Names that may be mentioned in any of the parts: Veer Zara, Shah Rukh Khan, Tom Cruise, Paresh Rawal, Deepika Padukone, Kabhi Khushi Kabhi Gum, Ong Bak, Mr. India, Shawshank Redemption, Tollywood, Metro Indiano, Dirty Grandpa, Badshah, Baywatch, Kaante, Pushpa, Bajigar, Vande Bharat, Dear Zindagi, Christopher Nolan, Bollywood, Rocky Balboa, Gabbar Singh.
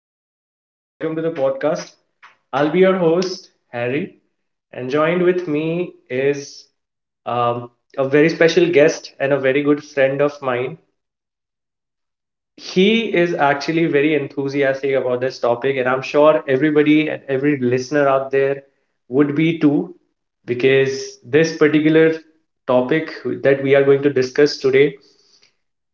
Hello, everyone. Welcome to the podcast. I'll be your host, Harry, and joined with me is um, a very special guest and a very good friend of mine. He is actually very enthusiastic about this topic, and I'm sure everybody and every listener out there would be too, because this particular topic that we are going to discuss today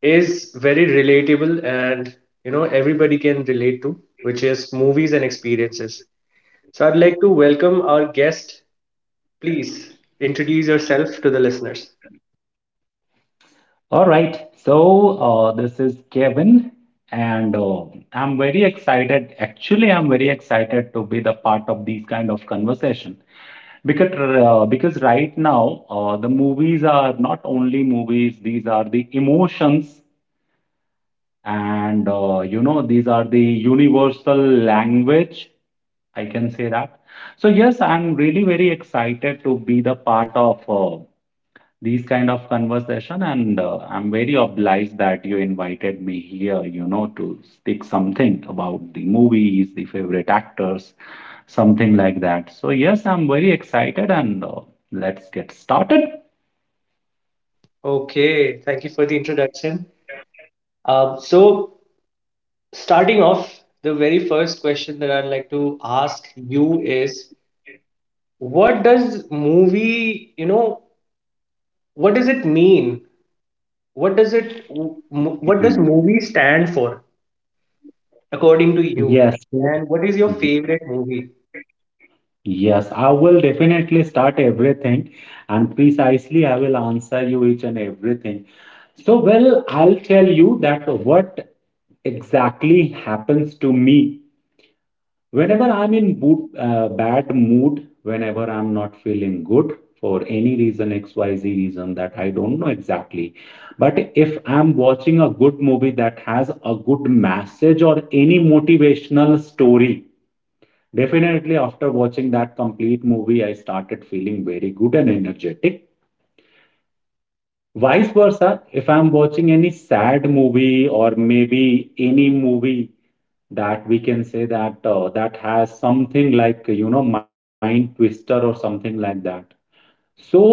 is very relatable and everybody can relate to, which is movies and experiences. So I'd like to welcome our guest. Please introduce yourself to the listeners. All right, so this is Kevin, and I'm very excited. Actually, I'm very excited to be the part of these kind of conversation because right now the movies are not only movies; these are the emotions, and you know these are the universal language. I can say that. So yes, I'm really very excited to be the part of. These kind of conversation and I'm very obliged that you invited me here, you know, to speak something about the movies, the favorite actors, something like that. So yes, I'm very excited and let's get started. Okay, thank you for the introduction. So, starting off, the very first question that I'd like to ask you is, what does movie, you know, what does it mean? Hmm. What does movie stand for, according to yes you? so- And what is your favorite movie? Yes, I will definitely start everything, and precisely I will answer you each and everything. So, well, I'll tell you that what exactly happens to me. Whenever I'm in bad mood, whenever I'm not feeling good for any reason, XYZ reason that I don't know exactly. But if I'm watching a good movie that has a good message or any motivational story, definitely after watching that complete movie, I started feeling very good and energetic. Vice versa, if I'm watching any sad movie or maybe any movie that we can say that that has something like, you know, mind twister or something like that. So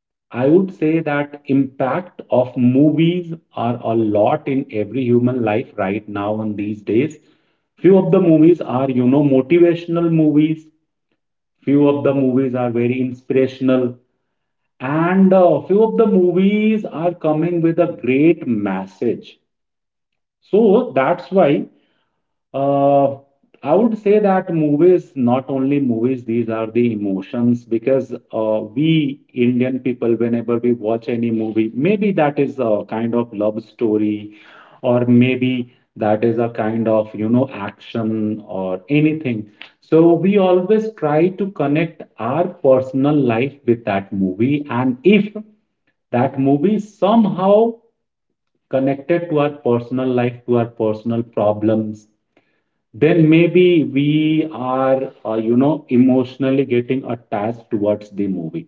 I would say that impact of movies are a lot in every human life right now and these days. Few of the movies are, you know, motivational movies, few of the movies are very inspirational, and few of the movies are coming with a great message. So that's why, Uh, I would say that movies, not only movies, these are the emotions, because we Indian people, whenever we watch any movie, maybe that is a kind of love story, or maybe that is a kind of, you know, action or anything. So we always try to connect our personal life with that movie. And if that movie somehow connected to our personal life, to our personal problems, then maybe we are, you know, emotionally getting attached towards the movie.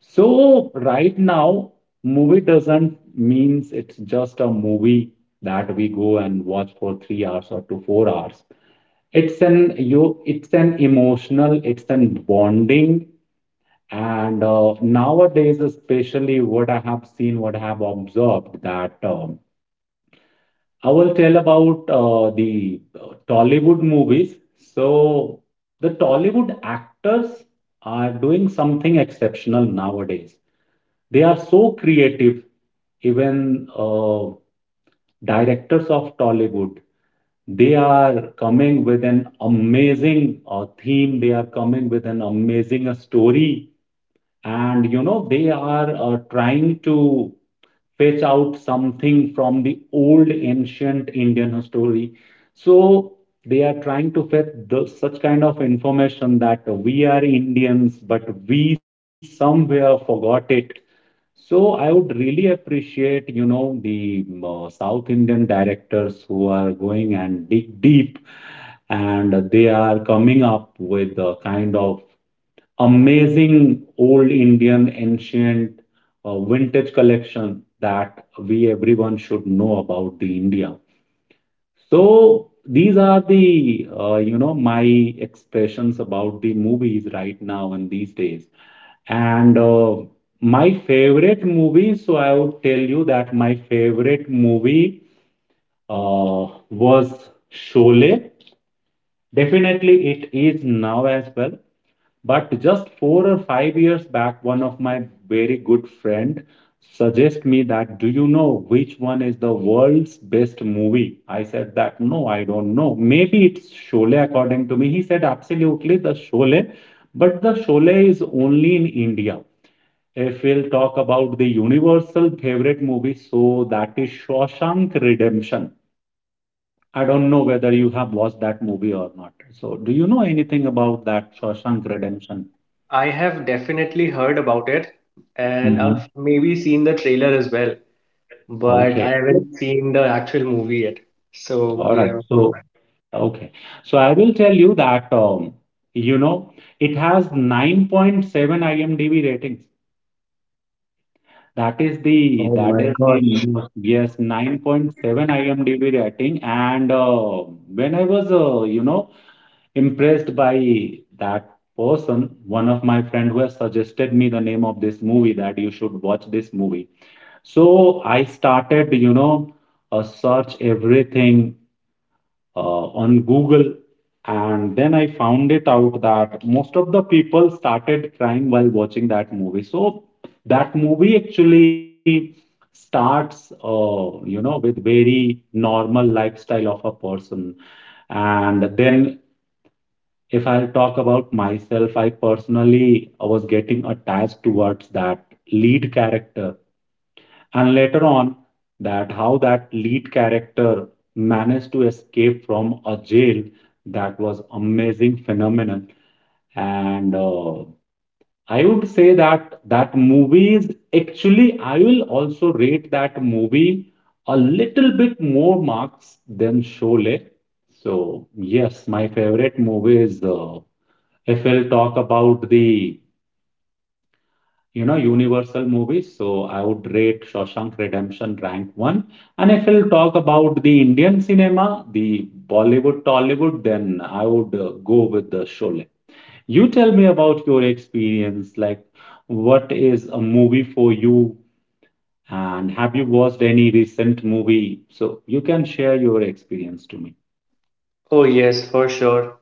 So right now, movie doesn't means it's just a movie that we go and watch for 3 hours or to 4 hours. It's an you, it's an emotional, it's an bonding. And nowadays, especially what I have seen, what I have observed that. I will tell about the Tollywood movies. So, the Tollywood actors are doing something exceptional nowadays. They are so creative, even directors of Tollywood. They are coming with an amazing theme, they are coming with an amazing story, and you know, they are trying to fetch out something from the old ancient Indian story. So they are trying to fetch the, such kind of information that we are Indians, but we somewhere forgot it. So I would really appreciate, you know, the South Indian directors who are going and dig deep and they are coming up with a kind of amazing old Indian ancient vintage collection that we everyone should know about the India. So these are the you know my expressions about the movies right now and these days. And my favorite movie, so I would tell you that my favorite movie was Sholay. Definitely, it is now as well. But just four or five years back, one of my very good friend suggest me that, do you know which one is the world's best movie? I said that, no, I don't know. Maybe it's Sholay according to me. He said, absolutely, the Sholay. But the Sholay is only in India. If we'll talk about the universal favorite movie, so that is Shawshank Redemption. I don't know whether you have watched that movie or not. So, do you know anything about that Shawshank Redemption? I have definitely heard about it, and I've maybe seen the trailer as well, but I Okay. haven't seen the actual movie yet. So All right. yeah. So, okay. So I will tell you that, you know, it has 9.7 IMDb ratings. Oh That my is the gosh. most, yes, 9.7 IMDb rating. And when I was, you know, impressed by that person, one of my friend who has suggested me the name of this movie that you should watch this movie. So I started, you know, search everything on Google. And then I found it out that most of the people started crying while watching that movie. So that movie actually starts, you know, with very normal lifestyle of a person. And then if I talk about myself, I personally was getting attached towards that lead character, and later on that how that lead character managed to escape from a jail. That was amazing phenomenon, and I would say that that movie is actually, I will also rate that movie a little bit more marks than Sholay. So yes, my favorite movie is, if we'll talk about the, you know, Universal movies. So I would rate Shawshank Redemption rank one. And if we'll talk about the Indian cinema, the Bollywood, Tollywood, then I would go with the Sholay. You tell me about your experience. Like, what is a movie for you? And have you watched any recent movie? So you can share your experience to me. Oh yes, for sure.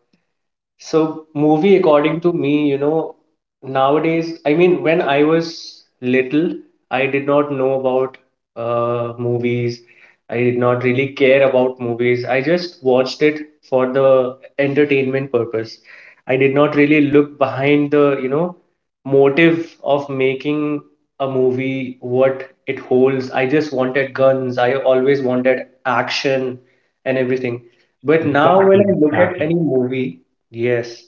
So, movie, according to me, nowadays, I mean, when I was little, I did not know about movies. I did not really care about movies. I just watched it for the entertainment purpose. I did not really look behind the motive of making a movie, what it holds. I just wanted guns. I always wanted action and everything. But now, when Exactly, I look at exactly. any movie. Yes.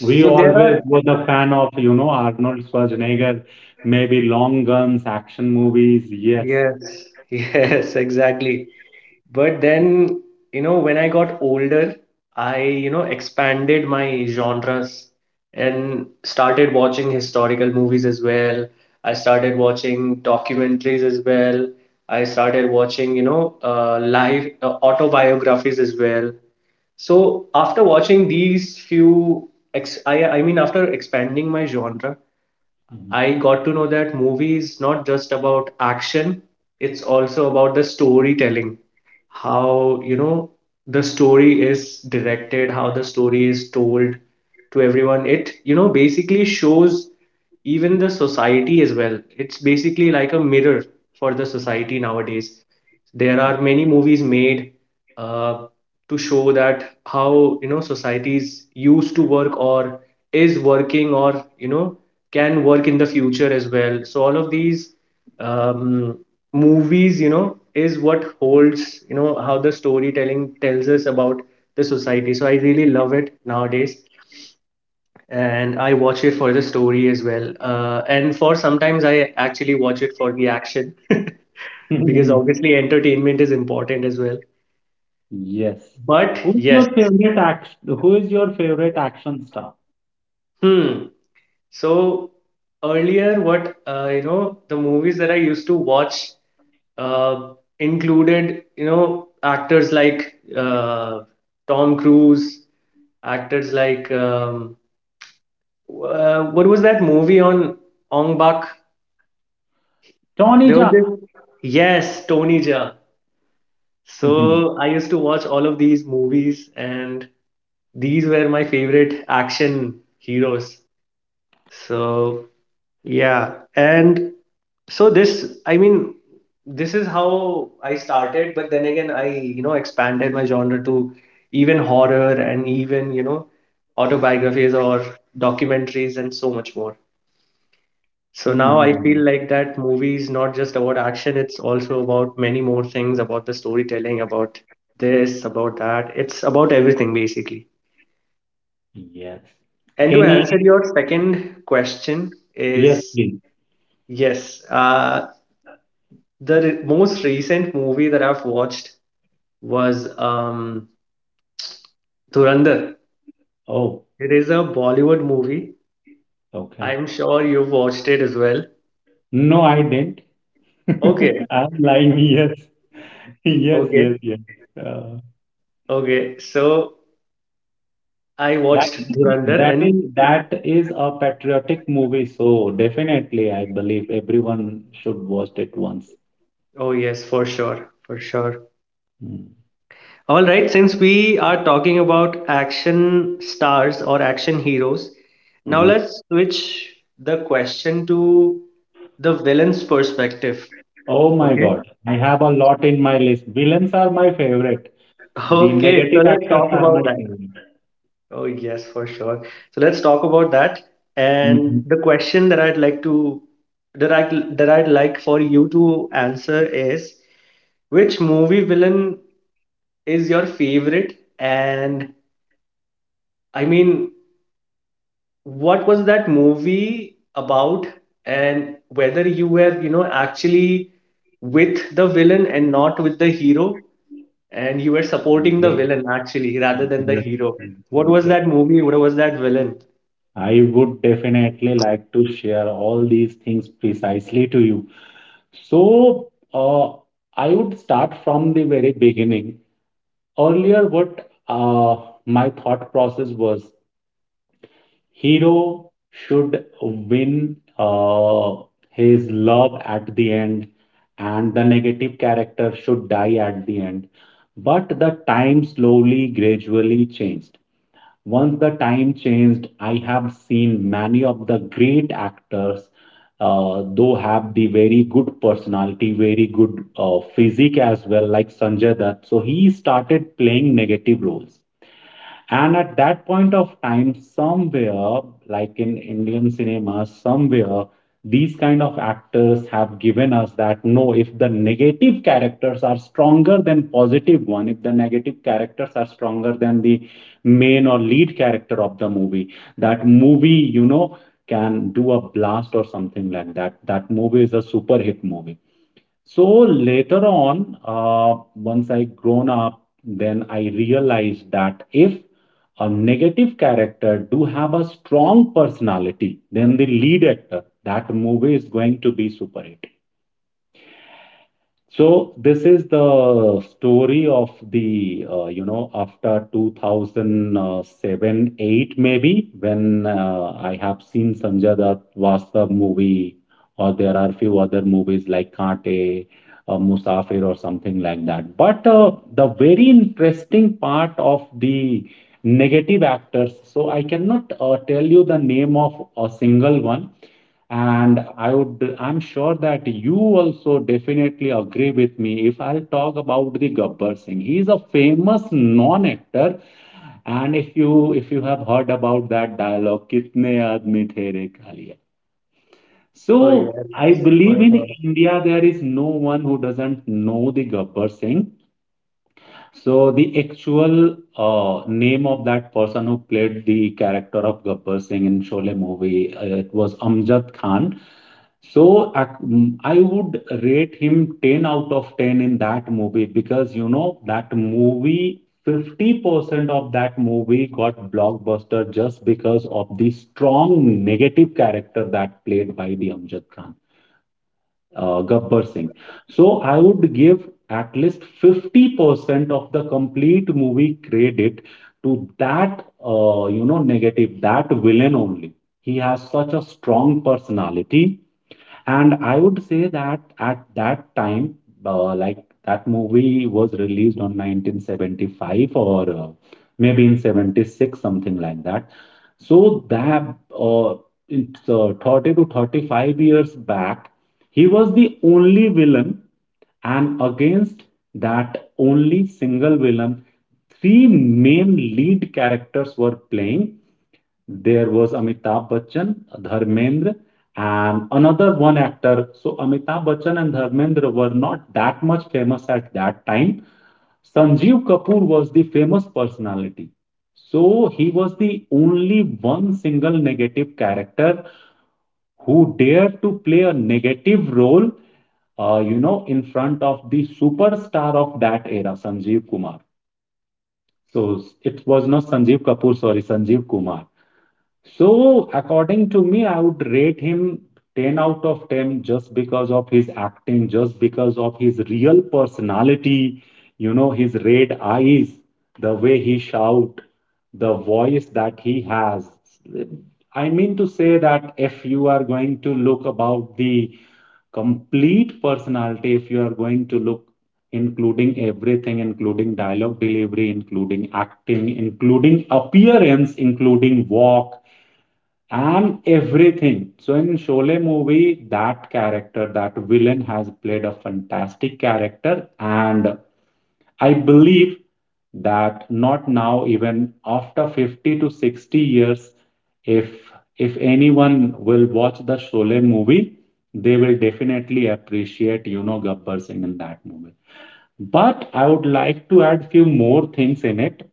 We there are. always were the fan of, you know, Arnold Schwarzenegger, maybe long guns, action movies. Yes. Yes, yes, exactly. But then, when I got older, I expanded my genres and started watching historical movies as well. I started watching documentaries as well. I started watching live autobiographies as well. So after watching these few, I mean, after expanding my genre, Mhm. I got to know that movie is not just about action, it's also about the storytelling. How, the story is directed, how the story is told to everyone. It basically shows even the society as well. It's basically like a mirror for the society nowadays. There are Ab- many movies made uh, to show that how societies used to work or is working or, can work in the future as well. So all of these um, movies, is what holds how the storytelling tells us about the society. So I really love it nowadays, and I watch it for the story as well. And for sometimes I actually watch it for the action because obviously entertainment is important as well. Yes. But Who's yes. your favorite action? Who is your favorite action star? Hmm. So earlier, the movies that I used to watch uh, included actors like Tom Cruise, actors like what was that movie on Ong Bak? Tony There was this. Jaa. Yes, Tony Jaa. Mhm. So I used to watch all of these movies, and these were my favorite action heroes. So Yeah, and so this, I mean, this is how I started, but then again, I expanded my genre to even horror and even autobiographies or documentaries and so much more. So now I feel Mhm. like that movie is not just about action, it's also about many more things about the storytelling, about this, about that. It's about everything basically. Yes. And to Any? answer your second question Yes, is, please. yes, the most recent movie that I've watched was Dhurandhar. Oh, It is a Bollywood movie. okay. I'm sure you've watched it as well. No, I didn't. Okay, I'm lying. Yes. Yes, okay, yes, yes. Uh, okay. So I That watched is, Dhurandhar, that and is that is a patriotic movie, so definitely I believe everyone should watch it once. oh yes, for sure, for sure. Mm. All right, since we are talking about action stars or action heroes, now Mhm. let's switch the question to the villain's perspective. Oh my Okay. God, I have a lot in my list. Villains are my favorite. The Okay, so negative let's actors talk are my about that. favorite. Oh, yes, for sure. So let's talk about that. And Mhm. the question that I'd like for you to answer is which movie villain is your favorite? And I mean, what was that movie about? And whether you were actually with the villain and not with the hero, and you were supporting the Great, villain actually rather than the great, hero. What great, was great. that movie? What was that villain? I would definitely like to share all these things precisely to you. So, I would start from the very beginning. Earlier what my thought process was, hero should win his love at the end and the negative character should die at the end. But the time slowly gradually changed. Once the time changed, I have seen many of the great actors though have the very good personality, very good physique as well, like Sanjay Dutt. So he started playing negative roles. And at that point of time, somewhere, like in Indian cinema, somewhere, these kind of actors have given us that no, if the negative characters are stronger than positive one, if the negative characters are stronger than the main or lead character of the movie, that movie, you know, can do a blast or something like that. That movie is a super hit movie. So later on, once I grown up, then I realized that if a negative character do have a strong personality, then the lead actor, that movie is going to be super hit. So this is the story of the you know, after 2007 8 maybe, when I have seen Sanjay Dutt Vastav movie, or there are few other movies like Kaante, Musafir or something like that. But the very interesting part of the negative actors. So I cannot tell you the name of a single one, and I would, I'm sure that you also definitely agree with me if I'll talk about the Gabbar Singh. He is a famous non-actor. And if you have heard about that dialogue, "Kitne aadmi the re kaaliya." Oh So yes. I believe Oh, in God. India there is no one who doesn't know the Gabbar Singh. So the actual name of that person who played the character of Gabbar Singh in Sholay movie, it was Amjad Khan. So I would rate him 10 out of 10 in that movie because you know that movie, 50% of that movie got blockbuster just because of the strong negative character that played by the Amjad Khan, Gabbar Singh. So I would give at least 50% of the complete movie credit to that, you know, negative, that villain only. He has such a strong personality, and I would say that at that time, like that movie was released on 1975 or maybe in 76, something like that. So that uh, it's, 30-35 years back, he was the only villain, and against that only single villain, three main lead characters were playing. There was Amitabh Bachchan, Dharmendra, and another one actor. So Amitabh Bachchan and Dharmendra were not that much famous at that time. Sanjeev Kapoor was the famous personality. So he was the only one single negative character who dared to play a negative role, you know, in front of the superstar of that era, Sanjeev Kumar. So it was not Sanjeev Kapoor, sorry, Sanjeev Kumar. So, according to me, I would rate him 10 out of 10 just because of his acting, just because of his real personality, you know, his red eyes, the way he shout, the voice that he has. I mean to say that if you are going to look about the complete personality, if you are going to look including everything, including dialogue delivery, including acting, including appearance, including walk, I'm everything. So in Sholay movie, that character, that villain has played a fantastic character, and I believe that not now, even after 50 to 60 years, if if anyone will watch the Sholay movie, they will definitely appreciate, you know, Gabbar Singh in that movie. But I would like to add few more things in it.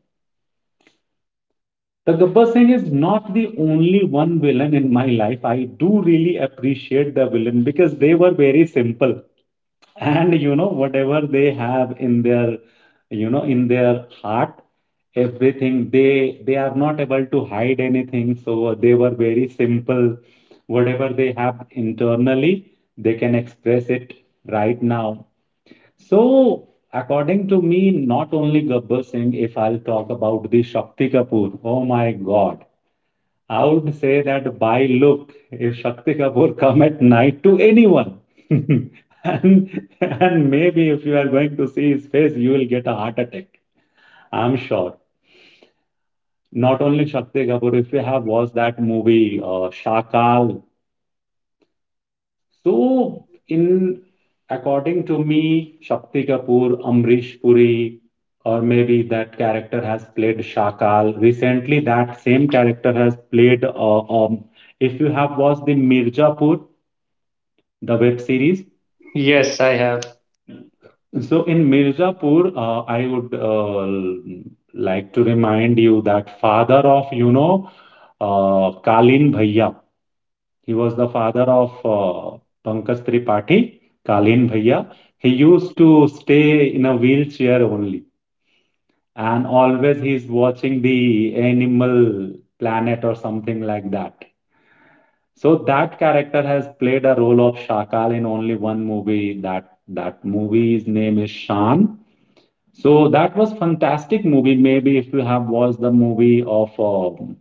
The Gabbar Singh is not the only one villain in my life. I do really appreciate the villain because they were very simple. And you know, whatever they have in their, you know, in their heart, everything, they are not able to hide anything. So they were very simple. Whatever they have internally, they can express it right now. So according to me, not only Gabbar Singh, if I'll talk about the Shakti Kapoor, oh my God. I would say that by look, if Shakti Kapoor come at night to anyone, and maybe if you are going to see his face, you will get a heart attack. I'm sure. Not only Shakti Kapoor, if you have watched that movie, Shakal. So in according to me, Shakti Kapoor, Amrish Puri, or maybe that character has played Shakal. Recently, that same character has played. If you have watched the Mirzapur. The web series. Yes, I have. So in Mirzapur, I would like to remind you that father of, you know, Kalin Bhaiya. He was the father of uh, Pankaj Tripathi, Kalin Bhaiya. He used to stay in a wheelchair only, and always he's watching the Animal Planet or something like that. So that character has played a role of Shakal in only one movie. That movie's name is Shan. So that was fantastic movie. Maybe if you have watched the movie of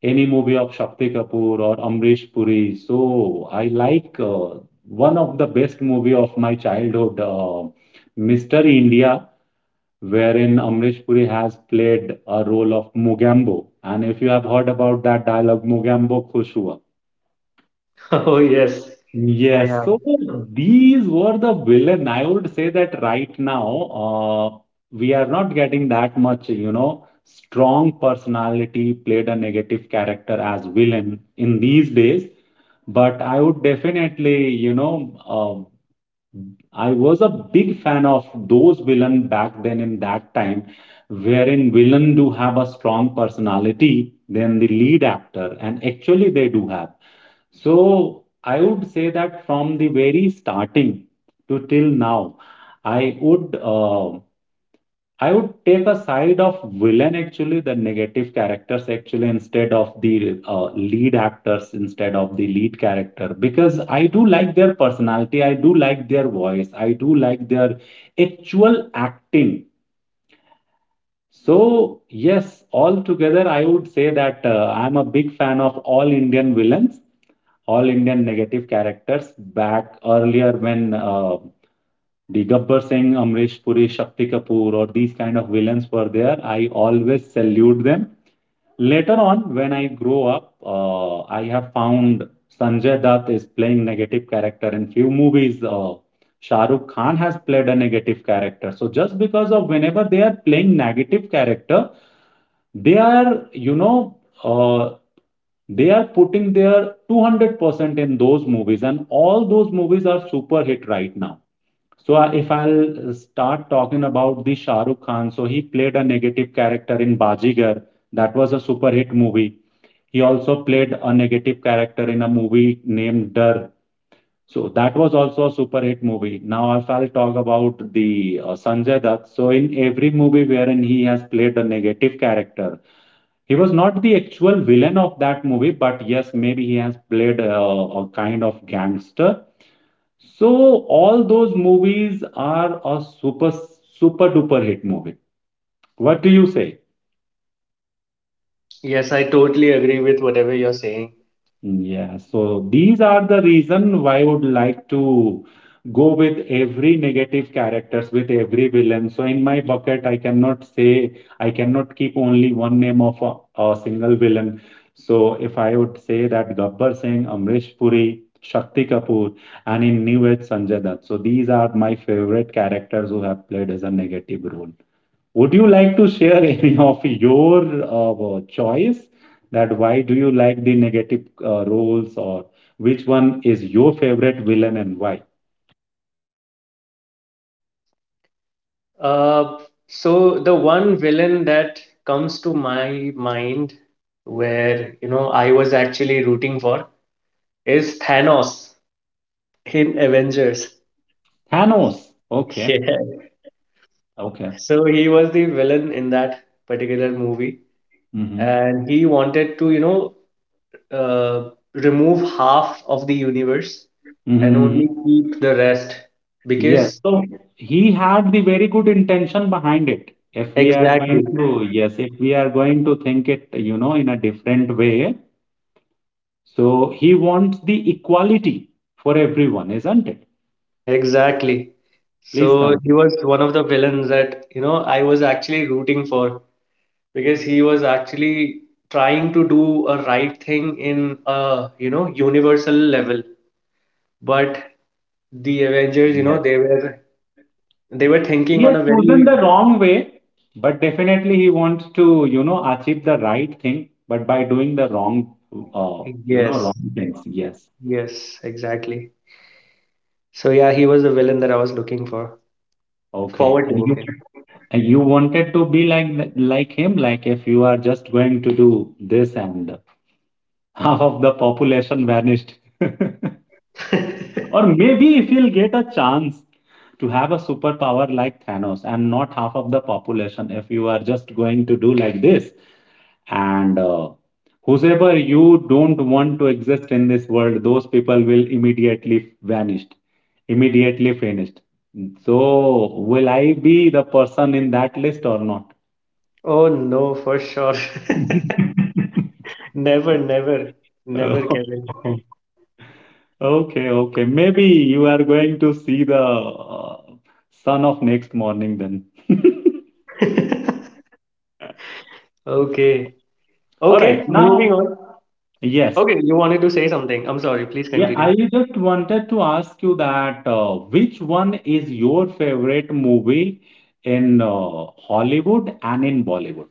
any movie of Shakti Kapoor or Amrish Puri. So I like one of the best movie of my childhood, Mr. India, wherein Amrish Puri has played a role of Mugambo. And if you have heard about that dialogue, Mugambo Khush hua. Oh yes, I Yes, have. so these were the villain. I would say that right now, uh, we are not getting that much, you know, strong personality played a negative character as villain in these days. But I would definitely, you know, uh, I was a big fan of those villain back then in that time, wherein villain do have a strong personality than the lead actor, and actually they do have. So I would say that from the very starting to till now, I would uh, I would take a side of villain actually, the negative characters actually instead of the lead actors instead of the lead character because I do like their personality, I do like their voice, I do like their actual acting. So yes, altogether I would say that I'm a big fan of all Indian villains, all Indian negative characters back earlier when the Gabbar Singh, Amrish Puri, Shakti Kapoor, or these kind of villains were there. I always salute them. Later on, when I grow up, I have found Sanjay Dutt is playing negative character in few movies. Shah Rukh Khan has played a negative character. So just because of whenever they are playing negative character, they are, you know, uh, they are putting their 200% in those movies, and all those movies are super hit right now. So if I'll start talking about the Shah Rukh Khan, so he played a negative character in Bajigar. That was a super hit movie. He also played a negative character in a movie named Dar. So that was also a super hit movie. Now if I'll talk about the Sanjay Dutt, so in every movie wherein he has played a negative character, he was not the actual villain of that movie, but yes, maybe he has played a, kind of gangster, so all those movies are a super super duper hit movie. What do you say? Yes, I totally agree with whatever you're saying. Yeah, so these are the reason why I would like to go with every negative characters, with every villain. So in my bucket, I cannot keep only one name of a single villain. So if I would say that Gabbar Singh, Amrish Puri, Shakti Kapoor, and in New Age Sanjay Dutt. So these are my favorite characters who have played as a negative role. Would you like to share any of your choice that why do you like the negative roles or which one is your favorite villain and why? Uh, so the one villain that comes to my mind where I was actually rooting for is Thanos in Avengers. Thanos. Okay. Yeah. Okay. So he was the villain in that particular movie, Mm-hmm. and he wanted to remove half of the universe and Mm-hmm. only keep the rest Yes. because. So he had the very good intention behind it. If we are going Exactly, to, yes, if we are going to think it, you know, in a different way, so he wants the equality for everyone, isn't it? exactly. Please So he continue. was one of the villains that I was actually rooting for because he was actually trying to do a right thing in a universal level, but the Avengers, they were He thinking on has a chosen very. the wrong way, but definitely he wants to, you know, achieve the right thing, but by doing the wrong, you know, Yes, wrong things. Yes. yes, exactly. So yeah, he was the villain that I was looking for Okay. forward to Okay. And you wanted to be like like him, like if you are just going to do this and half of the population vanished. Or maybe if you'll get a chance to have a superpower like Thanos and not half of the population, if you are just going to do like this, and whosoever you don't want to exist in this world, those people will immediately vanished, immediately finished. So, will I be the person in that list or not? Oh no, for sure. Never, never, never, Oh, Kevin. okay, okay. Maybe you are going to see the sun of next morning then. Okay. All right, Okay, now, moving on. yes. Okay, you wanted to say something. I'm sorry, please Yeah, I continue. just wanted to ask you that which one is your favorite movie in Hollywood and in Bollywood,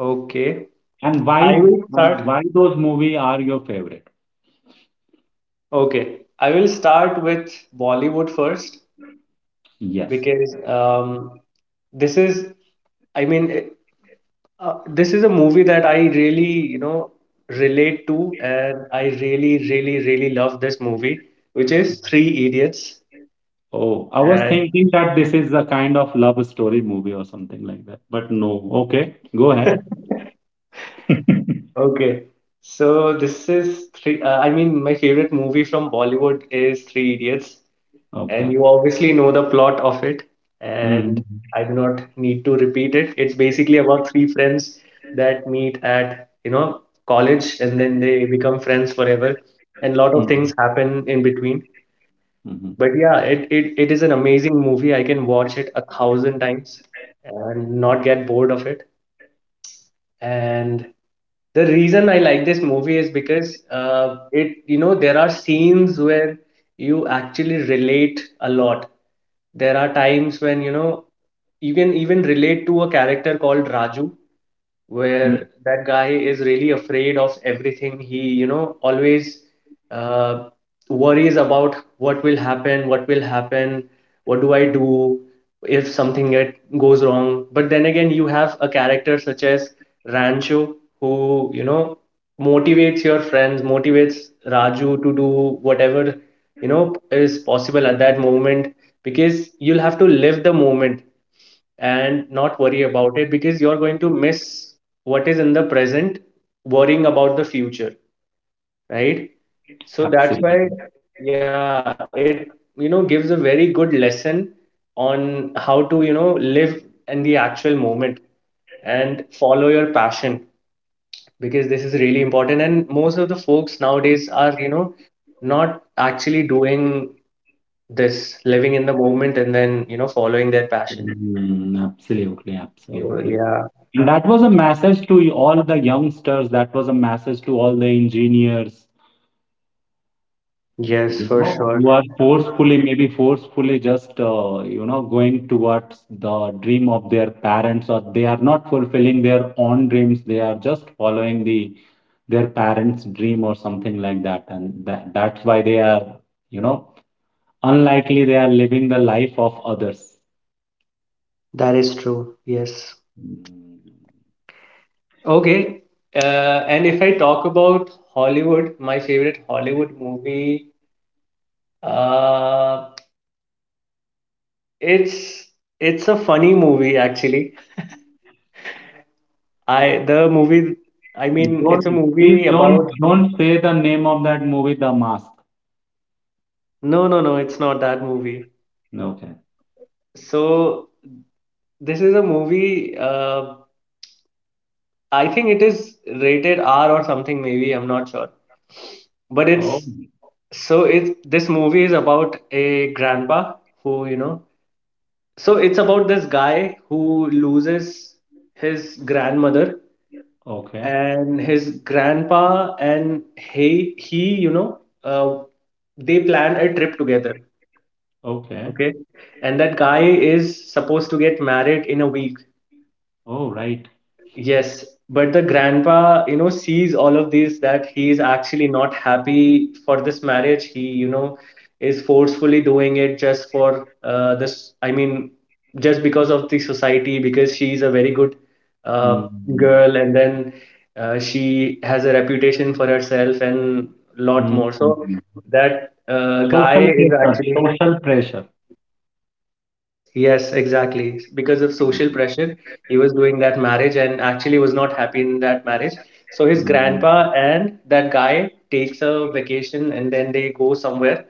Okay. and why I will why start. why those movies are your favorite? Okay. I will start with Bollywood first Yes. because this is, I mean, this is a movie that I really, you know, relate to, and I really, really, really love this movie, which is Three Idiots. Oh, I was And thinking that this is a kind of love story movie or something like that, but no. Okay, go ahead. okay, so this is three. I mean, my favorite movie from Bollywood is Three Idiots, Okay. and you obviously know the plot of it. Hmm. And I do not need to repeat it. It's basically about three friends that meet at college, and then they become friends forever. And a lot of Hmm. things happen in between. Hmm. But yeah, it is an amazing movie. I can watch it a thousand times and not get bored of it. And the reason I like this movie is because it you know there are scenes where you actually relate a lot. There are times when you can even relate to a character called Raju, where that guy is really afraid of everything. He always uh, worries about what will happen, what will happen, what do I do if something goes wrong. But then again, you have a character such as Rancho who motivates your friends, motivates Raju to do whatever is possible at that moment because you'll have to live the moment and not worry about it because you're going to miss what is in the present worrying about the future, right? So that's why, Absolutely. yeah, it gives a very good lesson on how to live in the actual moment and follow your passion because this is really important, and most of the folks nowadays are not actually doing, living in the moment, and then following their passion. Mm, absolutely, So absolutely. yeah. That was a message to all the youngsters. That was a message to all the engineers, Yes, you for know, sure. who are forcefully, maybe forcefully just, you know, going towards the dream of their parents, or they are not fulfilling their own dreams. They are just following the their parents' dream or something like that, and that's why they are, you know, unlikely they are living the life of others. That is true. Yes. Mm. Okay. And if I talk about Hollywood, my favorite Hollywood movie, uh, it's a funny movie actually. I the movie, I mean, Don't it's a please movie about. don't say the name of that movie, The Mask. No, no, no, it's not that movie. Okay. So this is a movie. I think it is rated R or something. Maybe I'm not sure. But Oh, it's so it this movie is about a grandpa who you know So it's about this guy who loses his grandmother okay. and his grandpa, and he you know they plan a trip together. Okay. Okay, and that guy is supposed to get married in a week. Oh, right. Yes, but the grandpa sees all of this that he is actually not happy for this marriage. He is forcefully doing it just for this. I mean, just because of the society, because she is a very good uh, Mm, girl, and then she has a reputation for herself and lot mm, more. So mm. that guy Social is pressure. actually. Social pressure. Yes, yes, exactly. Because of social pressure, he was doing that marriage and actually was not happy in that marriage. So his Mm, grandpa and that guy takes a vacation and then they go somewhere.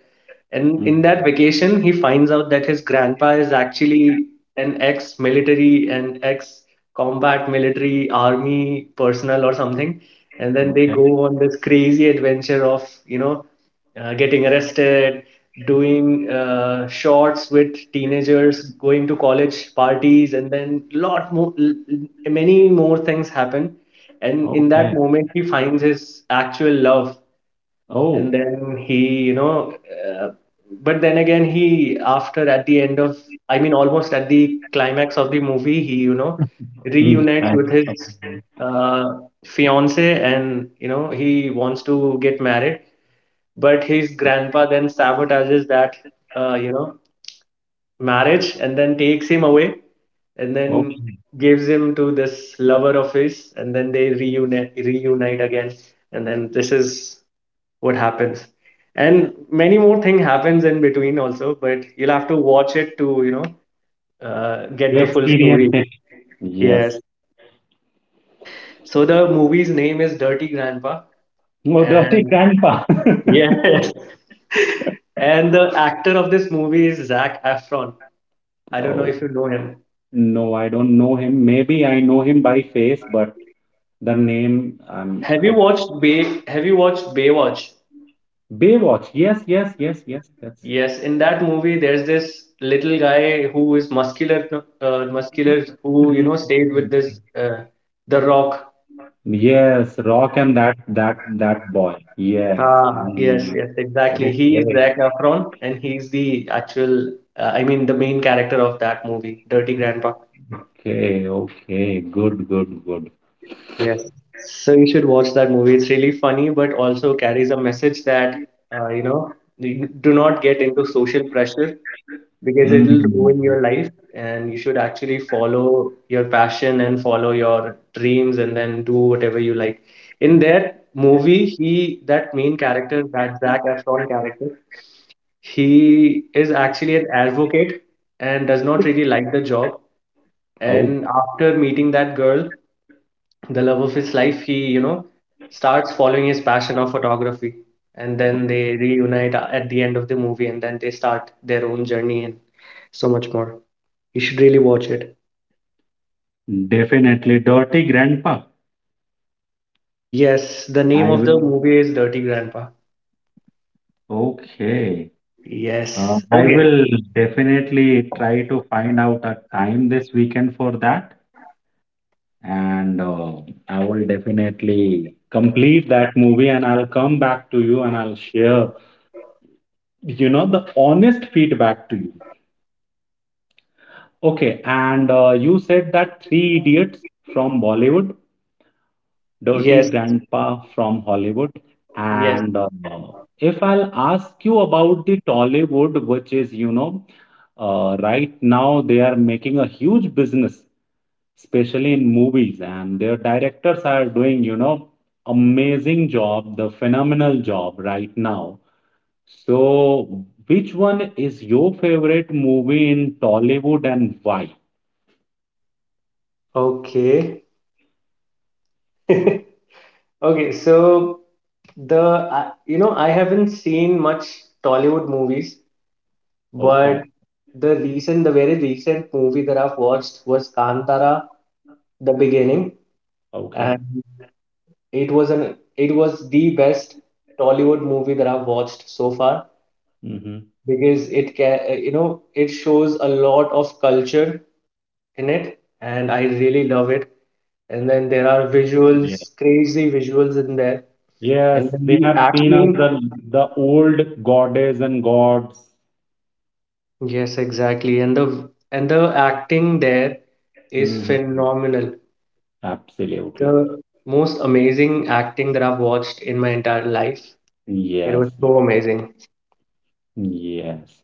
And in mm. that vacation, he finds out that his grandpa is actually an ex-military and ex-combat military army personnel or something. And then they Okay. go on this crazy adventure of getting arrested, doing shorts with teenagers, going to college parties, and then lot more, many more things happen. And in that Okay. moment, he finds his actual love, and Oh. then uh, but then again, he after at the end of, I mean, almost at the climax of the movie, he Mm. reunites Right. with his uh, fiance, and he wants to get married. But his grandpa then sabotages that, uh, you know, marriage and then takes him away and then Okay. gives him to this lover of his, and then they reunite again. And then this is what happens, and many more thing happens in between also, but you'll have to watch it to get You the full story. experienced it. Yes, Yes. so the movie's name is Dirty Grandpa. Oh, dirty And grandpa. Yes. And the actor of this movie is Zac Efron. I don't know Oh, if you know him. no, I don't know him. Maybe I know him by face, but the name, I Have you watched Baywatch? Baywatch. Yes, yes, yes, yes, yes. Yes, in that movie there's this little guy who is muscular, muscular, who you know stayed with this The Rock. Yes, Rock and that boy. Yes. I Ah, yes, mean, yes, exactly. okay, He is Zac Efron, and he's the actual, I mean, the main character of that movie, Dirty Grandpa. okay, okay. Good, good, good. Yes. So you should watch that movie. It's really funny, but also carries a message that, uh, you know, you do not get into social pressure because it'll Mm. ruin your life. And you should actually follow your passion and follow your dreams and then do whatever you like. In that movie, he, that main character, that Zac Efron character, he is actually an advocate and does not really like the job. Oh, And after meeting that girl, the love of his life, he, you know, starts following his passion of photography. And then they reunite at the end of the movie, and then they start their own journey and so much more. You should really watch it. definitely dirty grandpa. Yes, the I name will. of the movie is Dirty Grandpa. Okay. Yes. I Okay. will definitely try to find out a time this weekend for that, and I will definitely complete that movie, and I'll come back to you and I'll share you know the honest feedback to you. Okay, and you said that three idiots from Bollywood, dirty Yes. grandpa from Hollywood, Yes. and if I'll ask you about the Tollywood, which is, you know, right now they are making a huge business, especially in movies, and their directors are doing, you know, amazing job, the phenomenal job right now. So, which one is your favorite movie in Tollywood and why? Okay. Okay. So the I you know I haven't seen much Tollywood movies, but Okay, the recent, the very recent movie that I've watched was Kantara, the beginning, okay. and it was the best Tollywood movie that I've watched so far Hmm. because it can you know it shows a lot of culture in it, and I really love it. And then there are Yeah. visuals, crazy visuals in there, and Yes, then they the have seen us acting. The old goddess and gods. Yes, exactly, and the acting there is Hmm. phenomenal. Absolutely. The most amazing acting that I've watched in my entire life. It was Yes, so amazing. yes.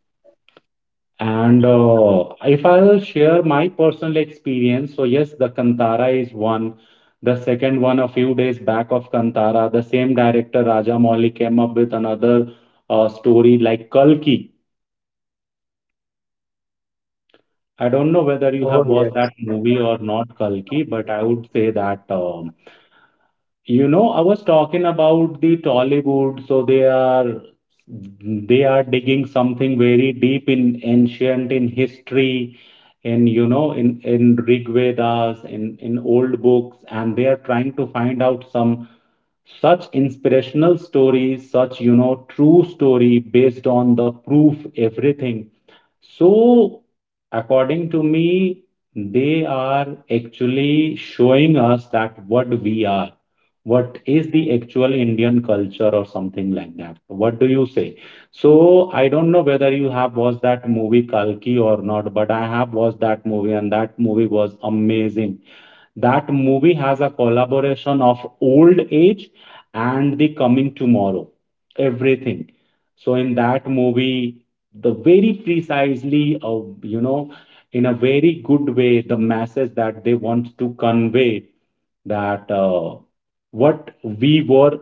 And if I'll share my personal experience, so yes, the Kantara is one. The second one, a few days back of Kantara, the same director Rajamouli came up with another story like Kalki. I don't know whether you have Oh, yeah. watched that movie or not, Kalki, but I would say that you know, I was talking about the Tollywood, so they are digging something very deep in ancient in history, in you know, in Rig Vedas, in old books, and they are trying to find out some such inspirational stories, such you know, true story based on the proof, everything. So, according to me, they are actually showing us that what we are, what is the actual Indian culture or something like that. What do you say? So, I don't know whether you have watched that movie Kalki or not, but I have watched that movie and that movie was amazing. That movie has a collaboration of old age and the coming tomorrow, everything. So in that movie, the very precisely, you know, in a very good way, the message that they want to convey that what we were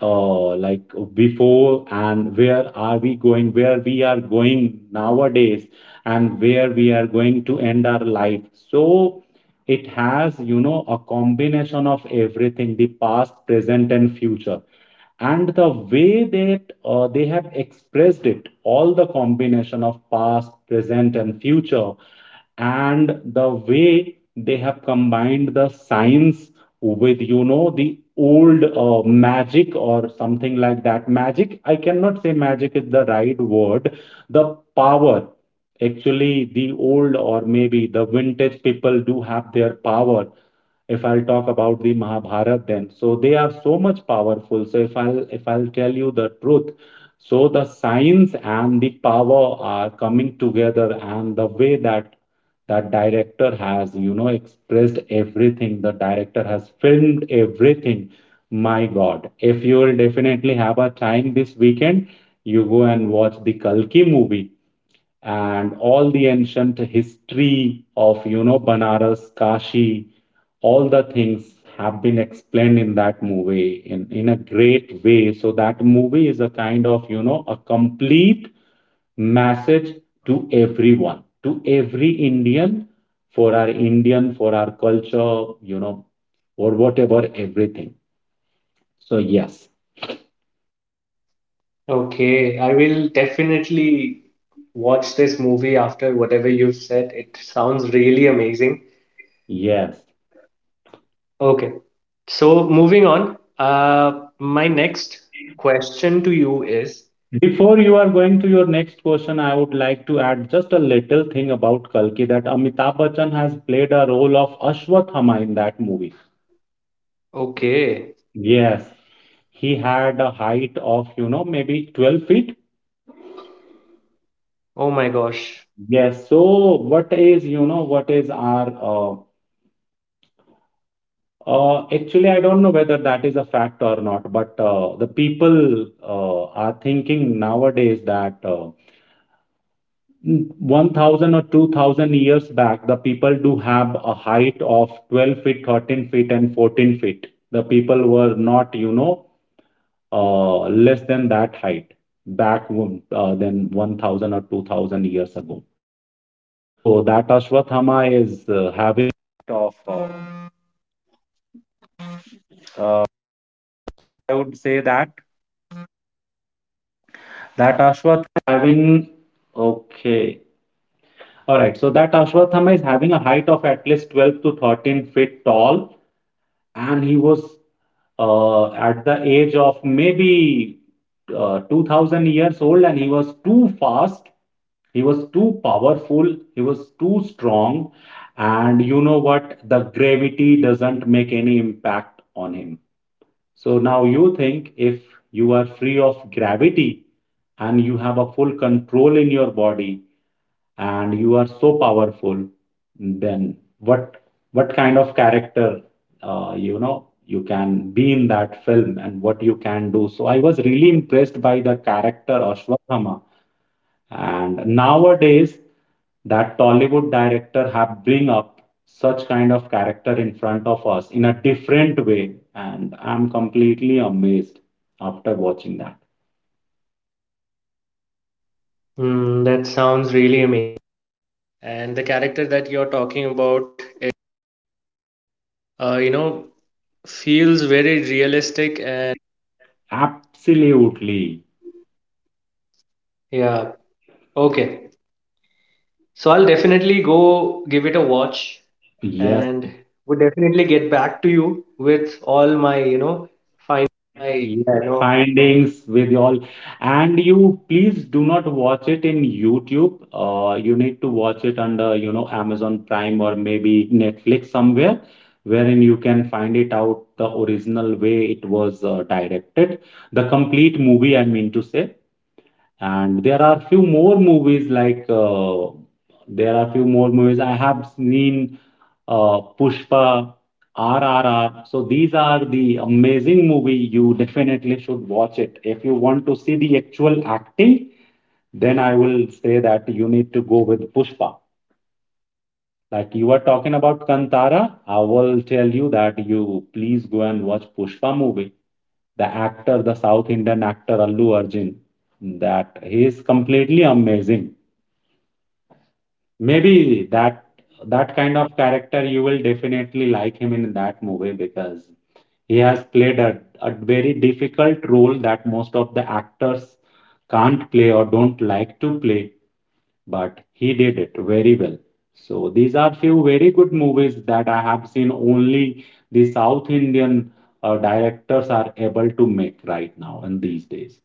before and where we are going nowadays, and where we are going to end our life. So it has, you know, a combination of everything, the past, present, and future. And the way that they have expressed it, all the combination of past, present, and future, and the way they have combined the science with, you know, the old magic or something like that magic I cannot say magic is the right word, the power. Actually, the old or maybe the vintage people do have their power. If I'll talk about the Mahabharata, then. So they are so much powerful. So if I'll tell you the truth, so the science and the power are coming together, and the way that that director has, you know, expressed everything, the director has filmed everything. My God, if you will definitely have a time this weekend, you go and watch the Kalki movie, and all the ancient history of, you know, Banaras, Kashi, all the things have been explained in that movie in a great way. So that movie is a kind of, you know, a complete message to everyone, to every Indian, for our Indian, for our culture, you know, or whatever, everything. So yes, Okay, I will definitely watch this movie after whatever you've said. It sounds really amazing. yes. Okay, so moving on. My next question to you is, Before you are going to your next question, I would like to add just a little thing about Kalki, that Amitabh Bachchan has played a role of Ashwathama in that movie. okay, Yes, he had a height of, you know, maybe 12 feet. oh my gosh, Yes, so what is, you know, what is our, actually, I don't know whether that is a fact or not, but the people are thinking nowadays that. 1000 or 2000 years back, the people do have a height of 12 feet, 13 feet, and 14 feet. The people were not, you know, less than that height back then 1000 or 2000 years ago. So that ashwatthama is- All right, so that Ashwatthama is having a height of at least 12 to 13 feet tall, and he was at the age of maybe 2000 years old, and he was too fast, he was too powerful, he was too strong, and you know what? The gravity doesn't make any impact on him. So now you think, if you are free of gravity and you have a full control in your body, and you are so powerful, then what kind of character you know you can be in that film and what you can do. So I was really impressed by the character Ashwathama, and nowadays that Tollywood director have bring up such kind of character in front of us in a different way, and I'm completely amazed after watching that. hmm, that sounds Absolutely. Yeah. Okay. So I'll definitely go give it a watch and Yes. would definitely get back to you with all my, you know, find my, you Yes, know, findings with y'all. And you please do not watch it in YouTube. You need to watch it under, you know, Amazon Prime or maybe Netflix somewhere, wherein you can find it out the original way it was directed, the complete movie, I mean to say. And there are few more movies I have seen, Pushpa, RRR. So these are the amazing movie. You definitely should watch it. If you want to see the actual acting, then I will say that you need to go with Pushpa. Like you are talking about Kantara, I will tell you that you please go and watch Pushpa movie. The actor, the South Indian actor Allu Arjun, that he is completely amazing. Maybe that that kind of character you will definitely like him in that movie, because he has played a very difficult role that most of the actors can't play or don't like to play, but he did it very well. So these are few very good movies that I have seen only the South Indian directors are able to make right now in these days.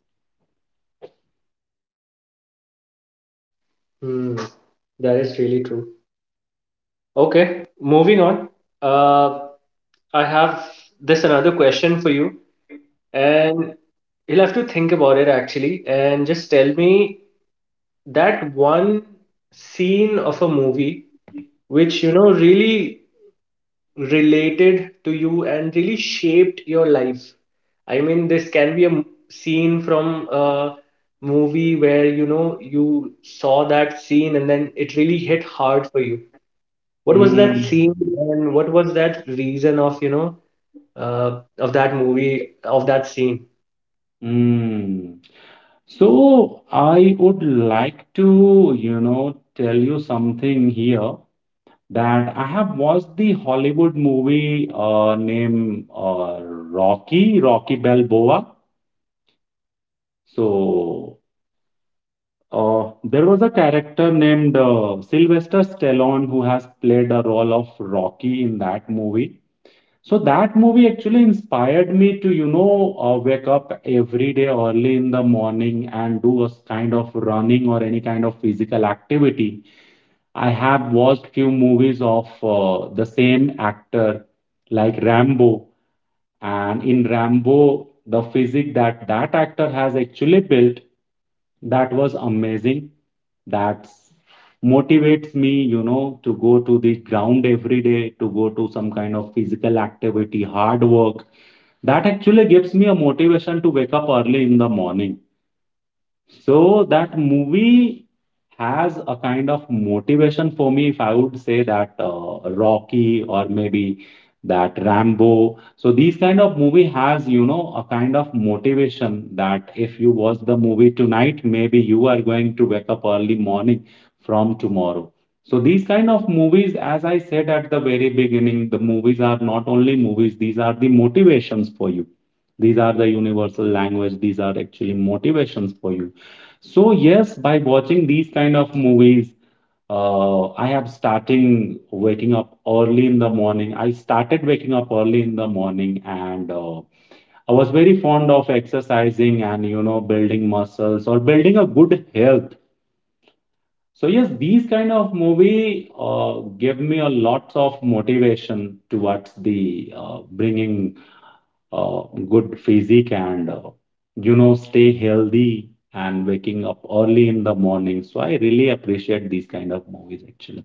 hmm, that is really true. Okay. Moving on. Uh, I have this another question for you, and you'll have to think about it actually, and just tell me that one scene of a movie which you know really related to you and really shaped your life. I mean, this can be a scene from a movie where you know you saw that scene and then it really hit hard for you. What was that Mm, scene and what was that reason of of that movie, of that scene? mm. So I would like to, you know, tell you something here, that I have watched the Hollywood movie named Rocky, Rocky Balboa. So there was a character named Sylvester Stallone, who has played a role of Rocky in that movie. So that movie actually inspired me to, you know, wake up every day early in the morning and do a kind of running or any kind of physical activity. I have watched few movies of the same actor, like Rambo, and in Rambo, the physique that that actor has actually built, that was amazing. That motivates me, you know, to go to the ground every day, to go to some kind of physical activity, hard work that actually gives me a motivation to wake up early in the morning. So that movie has a kind of motivation for me, if I would say that, Rocky, or maybe that Rambo. So these kind of movie has, you know, a kind of motivation that if you watch the movie tonight, maybe you are going to wake up early morning from tomorrow. So these kind of movies, as I said at the very beginning, the movies are not only movies, these are the motivations for you. These are the universal language, these are actually motivations for you. So yes, by watching these kind of movies, I am starting waking up early in the morning. I started waking up early in the morning, and I was very fond of exercising and, you know, building muscles or building a good health. So yes, these kind of movie give me a lot of motivation towards the bringing uh, good physique, and you know, stay healthy and waking up early in the morning. So I really appreciate these kind of movies actually.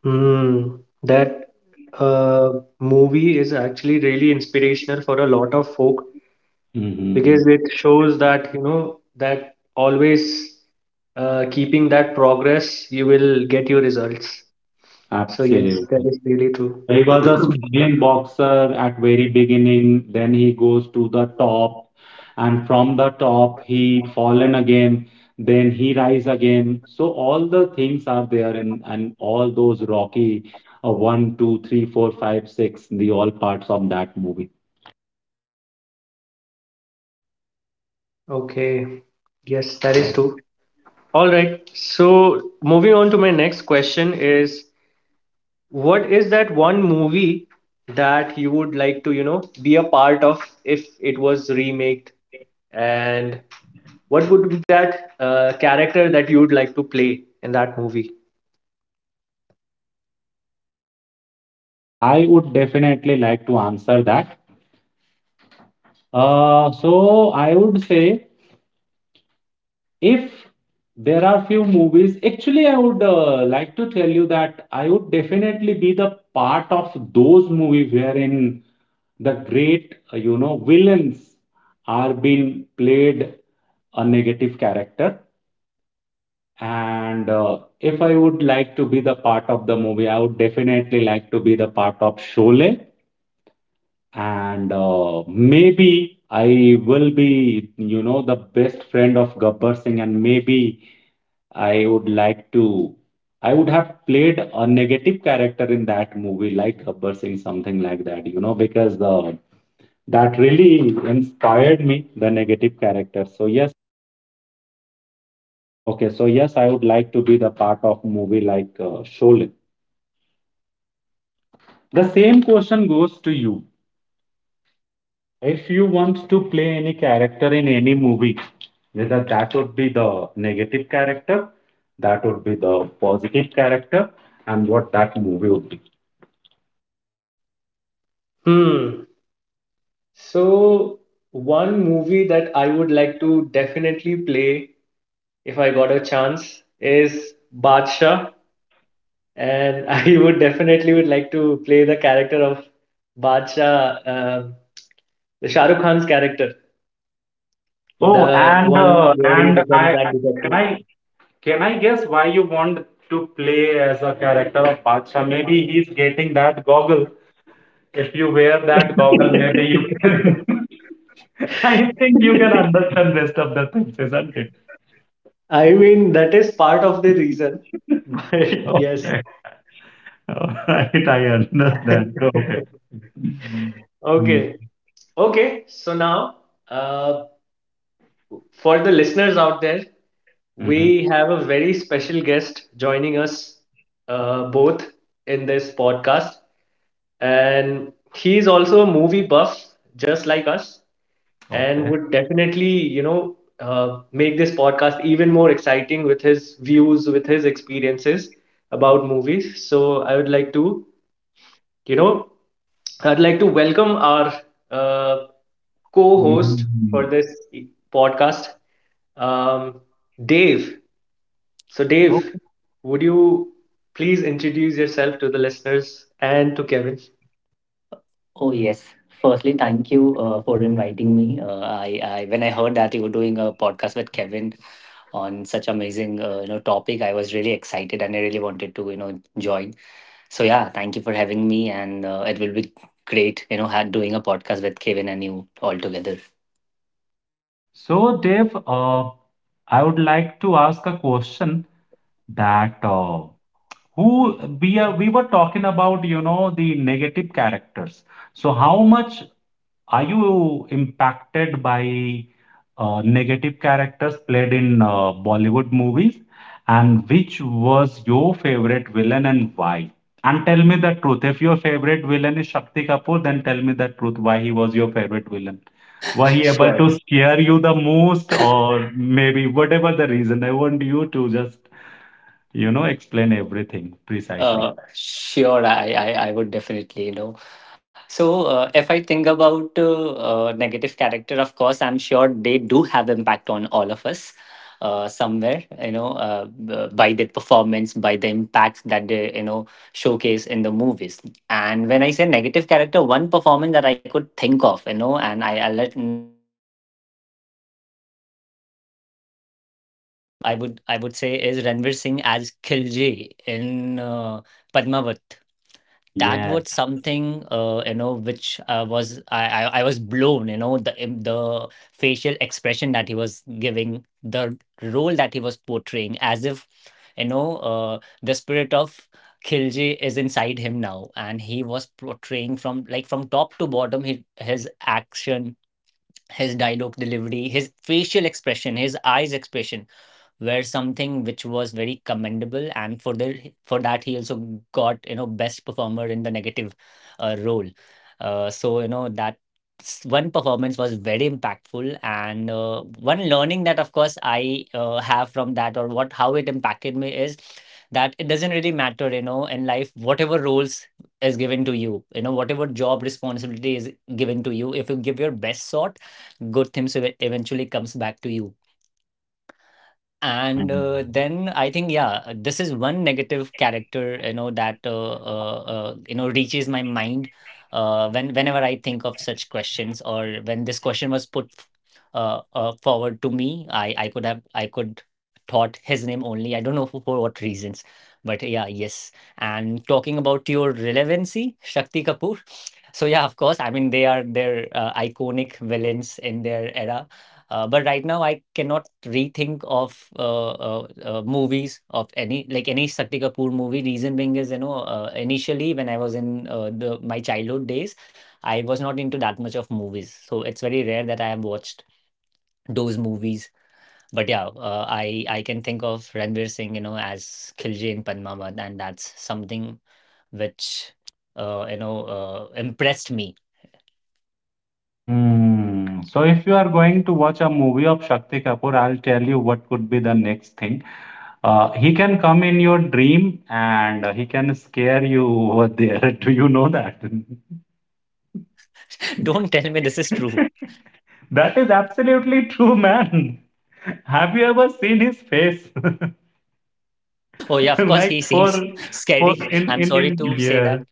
Hmm, that uh, movie is actually really inspirational for a lot of folk Mm-hmm. because it shows that you know that always keeping that progress you will get your results. So yes, that Absolutely. is really true. He was a struggling boxer at very beginning, then he goes to the top, and from the top he fallen again, then he rise again. So all the things are there in, and all those Rocky one, two, three, four, five, six, the all parts of that movie. Okay, yes, Mm. that is true. All right, so moving on to my next question is, what is that one movie that you would like to you know be a part of if it was remade, and what would be that character that you would like to play in that movie? I would definitely like to answer that. So I would say, if there are few movies, actually I would like to tell you that I would definitely be the part of those movies wherein the great you know, villains are being played, a negative character. And if I would like to be the part of the movie, I would definitely like to be the part of Sholay, and maybe I will be, you know, the best friend of Gabbar Singh, and maybe I would like to, I would have played a negative character in that movie, like Gabbar Singh, something like that, you know, because that really inspired me, the negative character. So yes, okay, so yes, I would like to be the part of movie like, Sholin. The same question goes to you. If you want to play any character in any movie, whether that would be the negative character, that would be the positive character, and what that movie would be. Hmm. So, one movie that I would like to definitely play if I got a chance is Badshah, and I would definitely would like to play the character of Badshah, the Shah Rukh Khan's character, Oh, the one where he and becomes I can that detective. I can I guess why you want to play as a character of Bacha? Maybe he's getting that goggle. If you wear that goggle, maybe you can. I think you can understand rest of the things, isn't it? I mean, that is part of the reason, but yes. Okay. All right, I understand. Okay. Mm. Okay. Okay. So now, uh, for the listeners out there, Mhm. we have a very special guest joining us both in this podcast. And he's also a movie buff, just like us, and Okay. would definitely, make this podcast even more exciting with his views, with his experiences about movies. So I would like to, you know, I'd like to welcome our uh, co host for Mm. this podcast, um, Dave. So, Dave, Okay. would you please introduce yourself to the listeners and to Kevin? Oh yes. Firstly, thank you for inviting me. I when I heard that you were doing a podcast with Kevin on such amazing topic, I was really excited and I really wanted to join. So yeah, thank you for having me, and it will be great, had doing a podcast with Kevin and you all together. So, Dave, I would like to ask a question, that who we are we were talking about, you know, the negative characters. So, how much are you impacted by negative characters played in Bollywood movies? And which was your favorite villain, and why? And tell me the truth. If your favorite villain is Shakti Kapoor, then tell me the truth why he was your favorite villain. Were he able to Sure. scare you the most, or maybe whatever the reason? I want you to just, you know, explain everything precisely. Sure, I would definitely, So, if I think about negative character, of course, I'm sure they do have impact on all of us somewhere, by their performance, by the impact that they, showcase in the movies. And when I say negative character, one performance that I could think of, you know, and I let would I would say is Ranveer Singh as Khilji in Padmavat. That Yeah. was something which was I was blown. You know the the facial expression that he was giving, the role that he was portraying, as if the spirit of Khilji is inside him now, and he was portraying from from top to bottom his action, his dialogue delivery, his facial expression, his eyes expression were something which was very commendable and for the for that he also got best performer in the negative role so that one performance was very impactful and one learning that of course I have from that or what how it impacted me is that it doesn't really matter in life whatever roles is given to you, you know whatever job responsibility is given to you. If you give your best shot, good things eventually comes back to you. Hmm. And then I think, yeah, this is one negative character, that reaches my mind whenever I think of such questions, or when this question was put forward to me, I could have I could thought his name only. I don't know for what reasons, but yeah, yes. And talking about your relevancy, Shakti Kapoor. So yeah, of course. I mean, they are their iconic villains in their era, but right now, I cannot rethink of movies of any, like any Shakti Kapoor movie. Reason being is initially when I was in the my childhood days, I was not into that much of movies, so it's very rare that I have watched those movies. But yeah, I can think of Ranveer Singh, as Khilji in Padmavat, and that's something which impressed me. Mm. So if you are going to watch a movie of Shakti Kapoor, I'll tell you what could be the next thing. He can come in your dream and he can scare you over there. Do you know that? Don't tell me this is true. That is absolutely true, man. Have you ever seen his face? Oh yeah, of course Like he seems for scary. I'm sorry in to say yeah. that.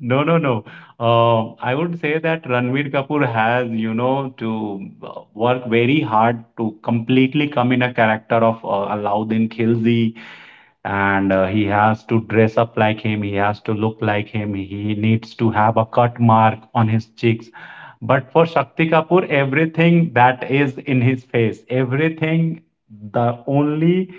No, no, no. I would say that Ranveer Kapoor has, you know, to work very hard to completely come in a character of Alauddin Khilji, and he has to dress up like him. He has to look like him. He needs to have a cut mark on his cheeks, but for Shakti Kapoor, everything that is in his face, everything, the only,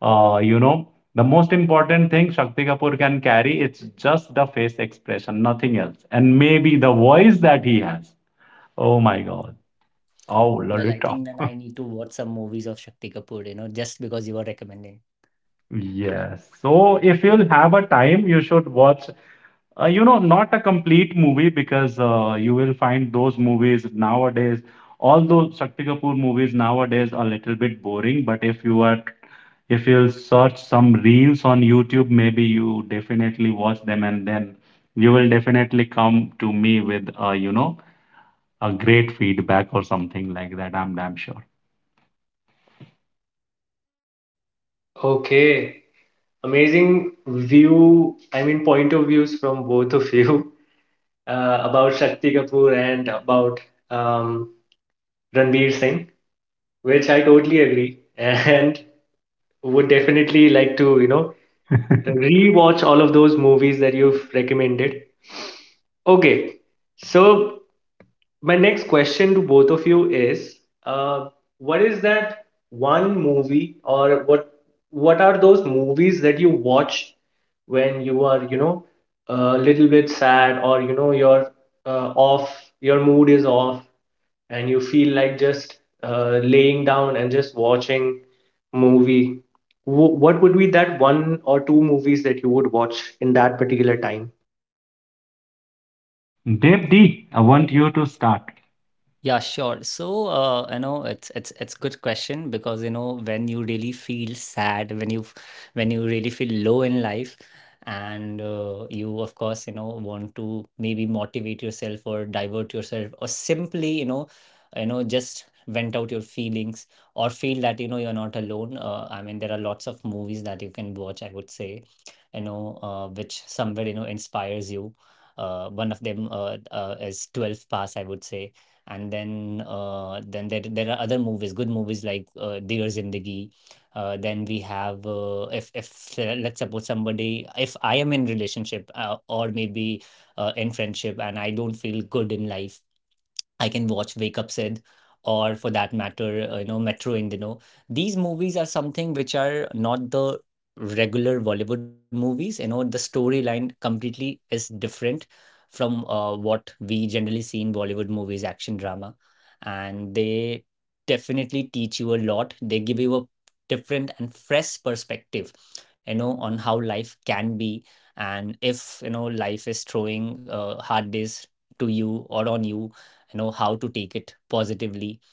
uh, you know, the most important thing Shakti Kapoor can carry, it's just the face expression, nothing else. And maybe the voice that he has. Oh my God. Oh, Well, I Lolita. think then I need to watch some movies of Shakti Kapoor, just because you were recommending. Yes. So if you'll have a time, you should watch not a complete movie because you will find those movies nowadays. Although Shakti Kapoor movies nowadays are a little bit boring, but if you are if you'll search some reels on YouTube, maybe you definitely watch them, and then you will definitely come to me with a great feedback or something like that. I'm damn sure. Okay, amazing view, I mean, point of views from both of you about Shakti Kapoor and about um, Ranveer Singh, which I totally agree and would definitely like to, you know, rewatch all of those movies that you've recommended. Okay, so my next question to both of you is, uh, what is that one movie, or what are those movies that you watch when you are, you know, a little bit sad, or you know you're off, your mood is off, and you feel like just laying down and just watching movie. What would be that one or two movies that you would watch in that particular time? Dev D, I want you to start. Yeah, sure. So, you know, it's good question because when you really feel sad, when you really feel low in life, and you of course want to maybe motivate yourself or divert yourself or simply just vent out your feelings or feel that you're not alone. I mean, there are lots of movies that you can watch. I would say, which somewhere inspires you. One of them is 12 Pass, I would say. And then there are other movies, good movies like Dear Zindagi. Then we have if let's suppose somebody, if I am in relationship, or maybe in friendship and I don't feel good in life, I can watch Wake Up Sid, or for that matter, Metro Indino. These movies are something which are not the regular Bollywood movies. You know, the storyline completely is different from what we generally see in Bollywood movies, action drama. And they definitely teach you a lot. They give you a different and fresh perspective, on how life can be. And if, life is throwing hard days to you or on you, you know how to take it positively.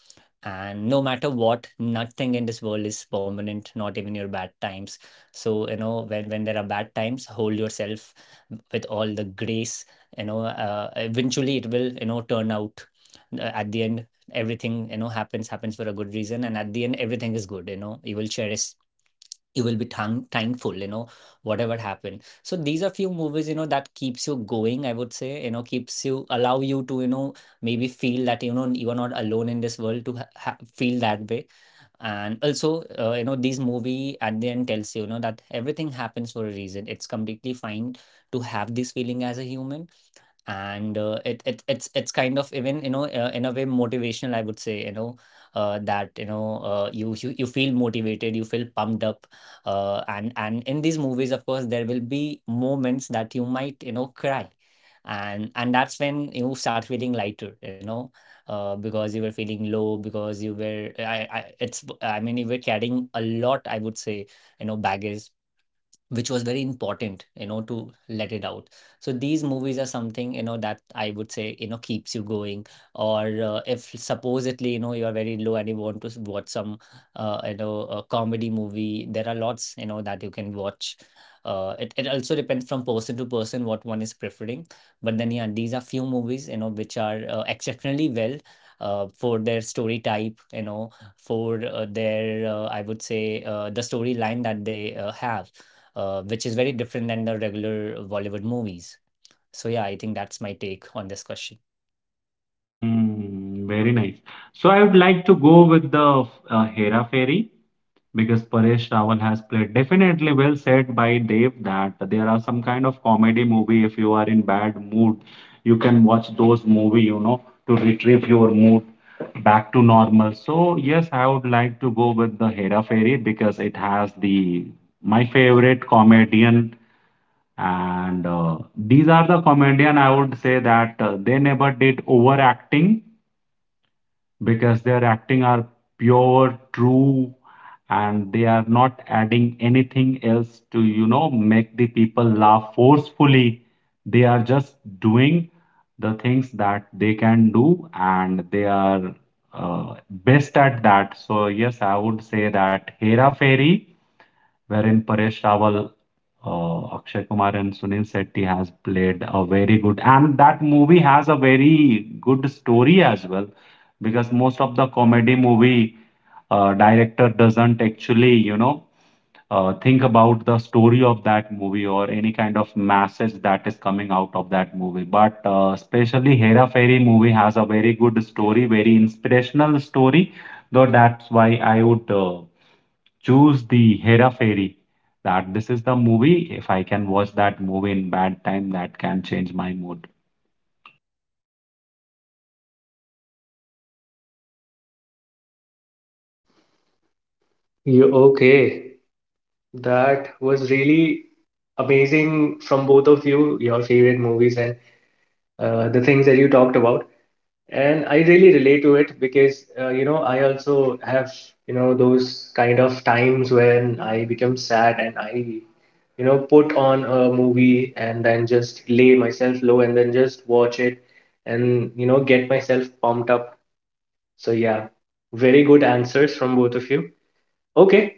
And no matter what, nothing in this world is permanent, not even your bad times. So when there are bad times, hold yourself with all the grace. you know eventually it will, turn out. At the end, everything, happens for a good reason, and at the end, everything is good. You know, you will cherish, you will be thankful, whatever happened. So these are few movies, that keeps you going, I would say, keeps you, allow you to, maybe feel that you are not alone in this world to feel that way. And also, these movie at the end tells you, you know that everything happens for a reason. It's completely fine to have this feeling as a human. And it's kind of even, in a way motivational, I would say, that you feel motivated, you feel pumped up. And in these movies, of course, there will be moments that you might cry, and that's when you start feeling lighter, because you were feeling low, because you were I mean you were carrying a lot, I would say, baggage, which was very important, to let it out. So these movies are something, that I would say, keeps you going. Or if supposedly you are very low and you want to watch some a comedy movie, there are lots, that you can watch. It also depends from person to person what one is preferring. But then yeah, these are few movies, which are exceptionally well for their story type, for their I would say the storyline that they have, which is very different than the regular Bollywood movies. So yeah, I think that's my take on this question. Mm, very nice. So I would like to go with the Hera Fairy, because Paresh Rawal has played. Definitely well said by Dev that there are some kind of comedy movie. If you are in bad mood, you can watch those movie, you know, to retrieve your mood back to normal. So yes, I would like to go with the Hera Fairy because it has the my favorite comedian, and these are the comedian I would say that they never did overacting because their acting are pure, true, and they are not adding anything else to, you know, make the people laugh forcefully. They are just doing the things that they can do and they are best at that. So, yes, I would say that Hera Fairy, wherein Paresh Rawal, Akshay Kumar and Sunil Shetty has played a very good, and that movie has a very good story as well, because most of the comedy movie director doesn't actually, you know, think about the story of that movie or any kind of message that is coming out of that movie. But especially Hera Fairy movie has a very good story, very inspirational story. Though that's why I would. Choose the Hera Fairy. That this is the movie. If I can watch that movie in bad time, that can change my mood. You okay? That was really amazing from both of you, your favorite movies and the things that you talked about. And I really relate to it because, you know, I also have, you know, those kind of times when I become sad and I, you know, put on a movie and then just lay myself low and then just watch it and, you know, get myself pumped up. So, yeah, very good answers from both of you. Okay,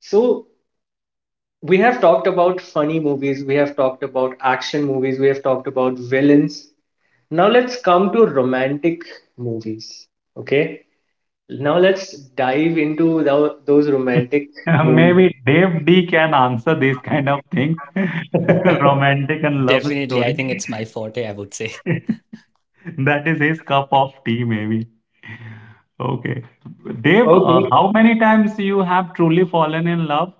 so we have talked about funny movies, we have talked about action movies, we have talked about villains. Now let's come to romantic movies. Okay. Now let's dive into those romantic movies. Maybe Dave D can answer these kind of things. Romantic and love Definitely, I story. think it's my forte, I would say. That is his cup of tea, maybe. Okay. Dave, Okay, how many times you have truly fallen in love?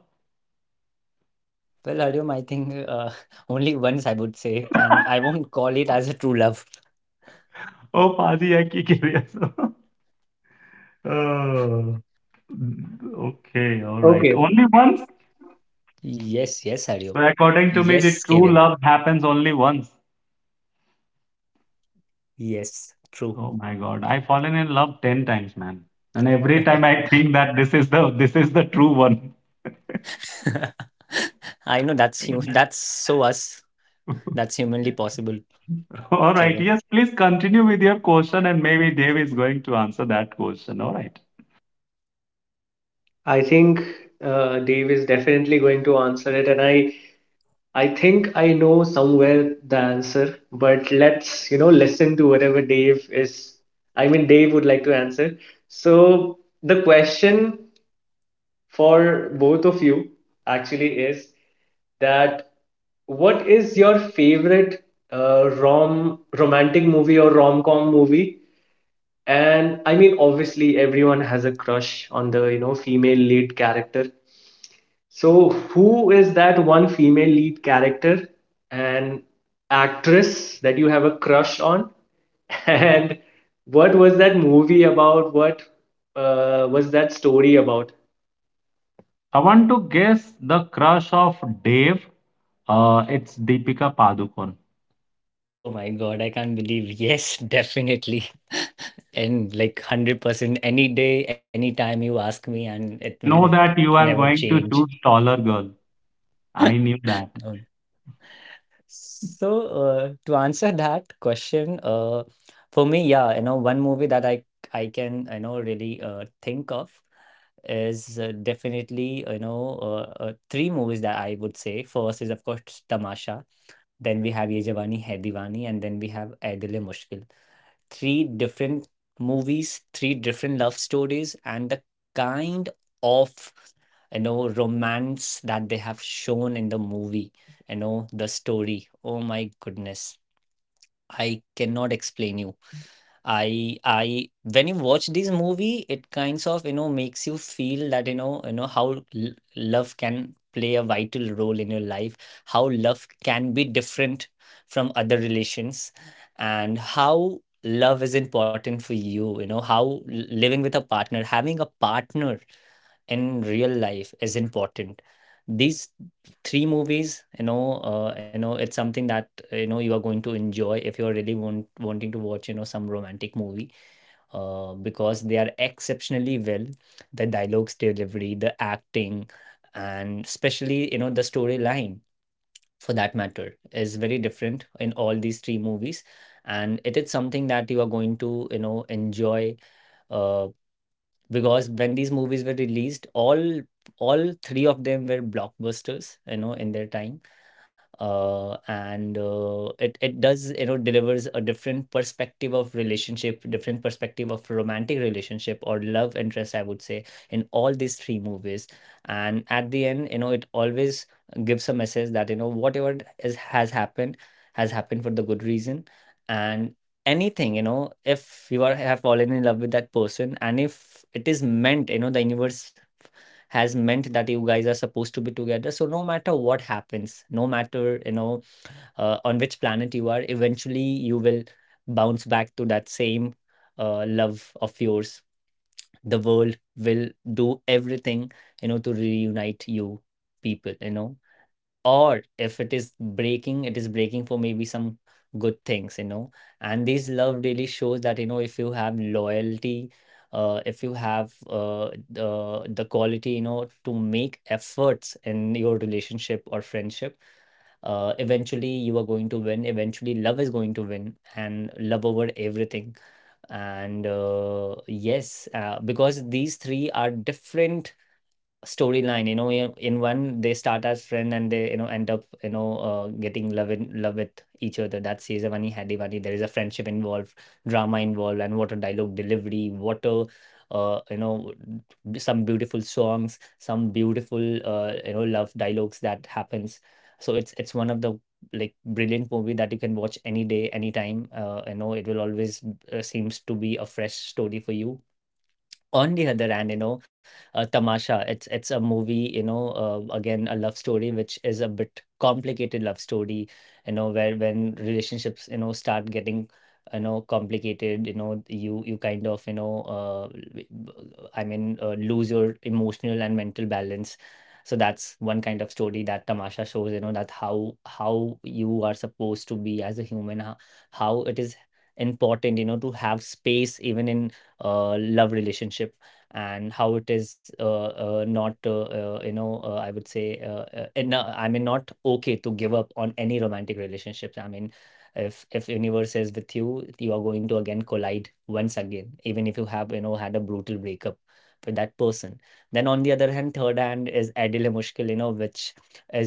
Well, Aryum, I think only once I would say, and I won't call it as a true love. Oh, Paji, I keep curious. Oh, okay, all right. okay. Only once? Yes, yes, So Aryum. according to me, the Yes, true Kevin. love happens only once. Yes, true. Oh my God, I've fallen in love 10 times, man. And every time I think that this is the true one. I know that's you. That's so us. That's humanly possible, All right, Kevin. yes, please continue with your question and maybe Dave is going to answer that question. All right. I think Dave is definitely going to answer it, and I think I know somewhere the answer, but let's, you know, listen to whatever Dave is. I mean, Dave would like to answer. So the question for both of you actually is that what is your favorite romantic movie or rom-com movie? And I mean, obviously, everyone has a crush on the, you know, female lead character. So who is that one female lead character and actress that you have a crush on? And what was that movie about? What was that story about? I want to guess the crush of Dave. It's Deepika Padukone. Oh my God, I can't believe. Yes, definitely, and like 100% any day, anytime you ask me, and it I know will that you are never going to change, choose taller girl. I knew that. no. So to answer that question, for me, yeah, one movie that I can, really think of is, definitely, three movies that I would say, first is of course Tamasha, then we have Ye Jawani Hai Diwani, and we have Ae Dil E Mushkil. Three different movies, three different love stories, and the kind of, romance that they have shown in the movie. You know the story. Oh my goodness, I cannot explain you. I when you watch this movie, it kinds of, makes you feel that how love can play a vital role in your life, how love can be different from other relations, and how love is important for you. You know how living with a partner, having a partner in real life is important. These three movies, it's something that you are going to enjoy if you're really wanting to watch, some romantic movie, because they are exceptionally well. The dialogues delivery, the acting, and especially, the storyline for that matter is very different in all these three movies. And it is something that you are going to, enjoy, uh, because when these movies were released, all three of them were blockbusters, in their time. Uh, and uh, it it does, delivers a different perspective of relationship, different perspective of romantic relationship or love interest, I would say, in all these three movies. And at the end, you know, it always gives a message that you know whatever is has happened for the good reason, and anything you know if you are have fallen in love with that person, and if it is meant, you know, the universe has meant that you guys are supposed to be together, so no matter what happens, no matter you know, on which planet you are, eventually you will bounce back to that same love of yours. The world will do everything you know to reunite you people you know, or if it is breaking, it is breaking for maybe some good things you know. And this love really shows that you know if you have loyalty, if you have the quality you know to make efforts in your relationship or friendship, eventually you are going to win, eventually love is going to win, and love over everything. And yes, because these three are different storyline, you know. In one, they start as friend, and they, you know, end up, you know, getting love in love with each other. That's Sezavani Hadivani. There is a friendship involved, drama involved, and what a dialogue delivery, what a you know, some beautiful songs, some beautiful, you know, love dialogues that happens. So it's one of the like brilliant movie that you can watch any day, anytime. You know, it will always seems to be a fresh story for you. On the other hand, you know, Tamasha, it's a movie, you know, again a love story which is a bit complicated love story, you know, where when relationships, you know, start getting, you know, complicated, you know, you kind of, you know, I mean, lose your emotional and mental balance. So that's one kind of story that Tamasha shows, you know, that how you are supposed to be as a human, how it is important, you know, to have space even in love relationship. And how it is not you know, I would say I mean not okay to give up on any romantic relationships. I mean, if universe is with you, you are going to again collide once again, even if you have you know had a brutal breakup with that person. Then on the other hand, third hand is Adil Hai Mushkil, you know, which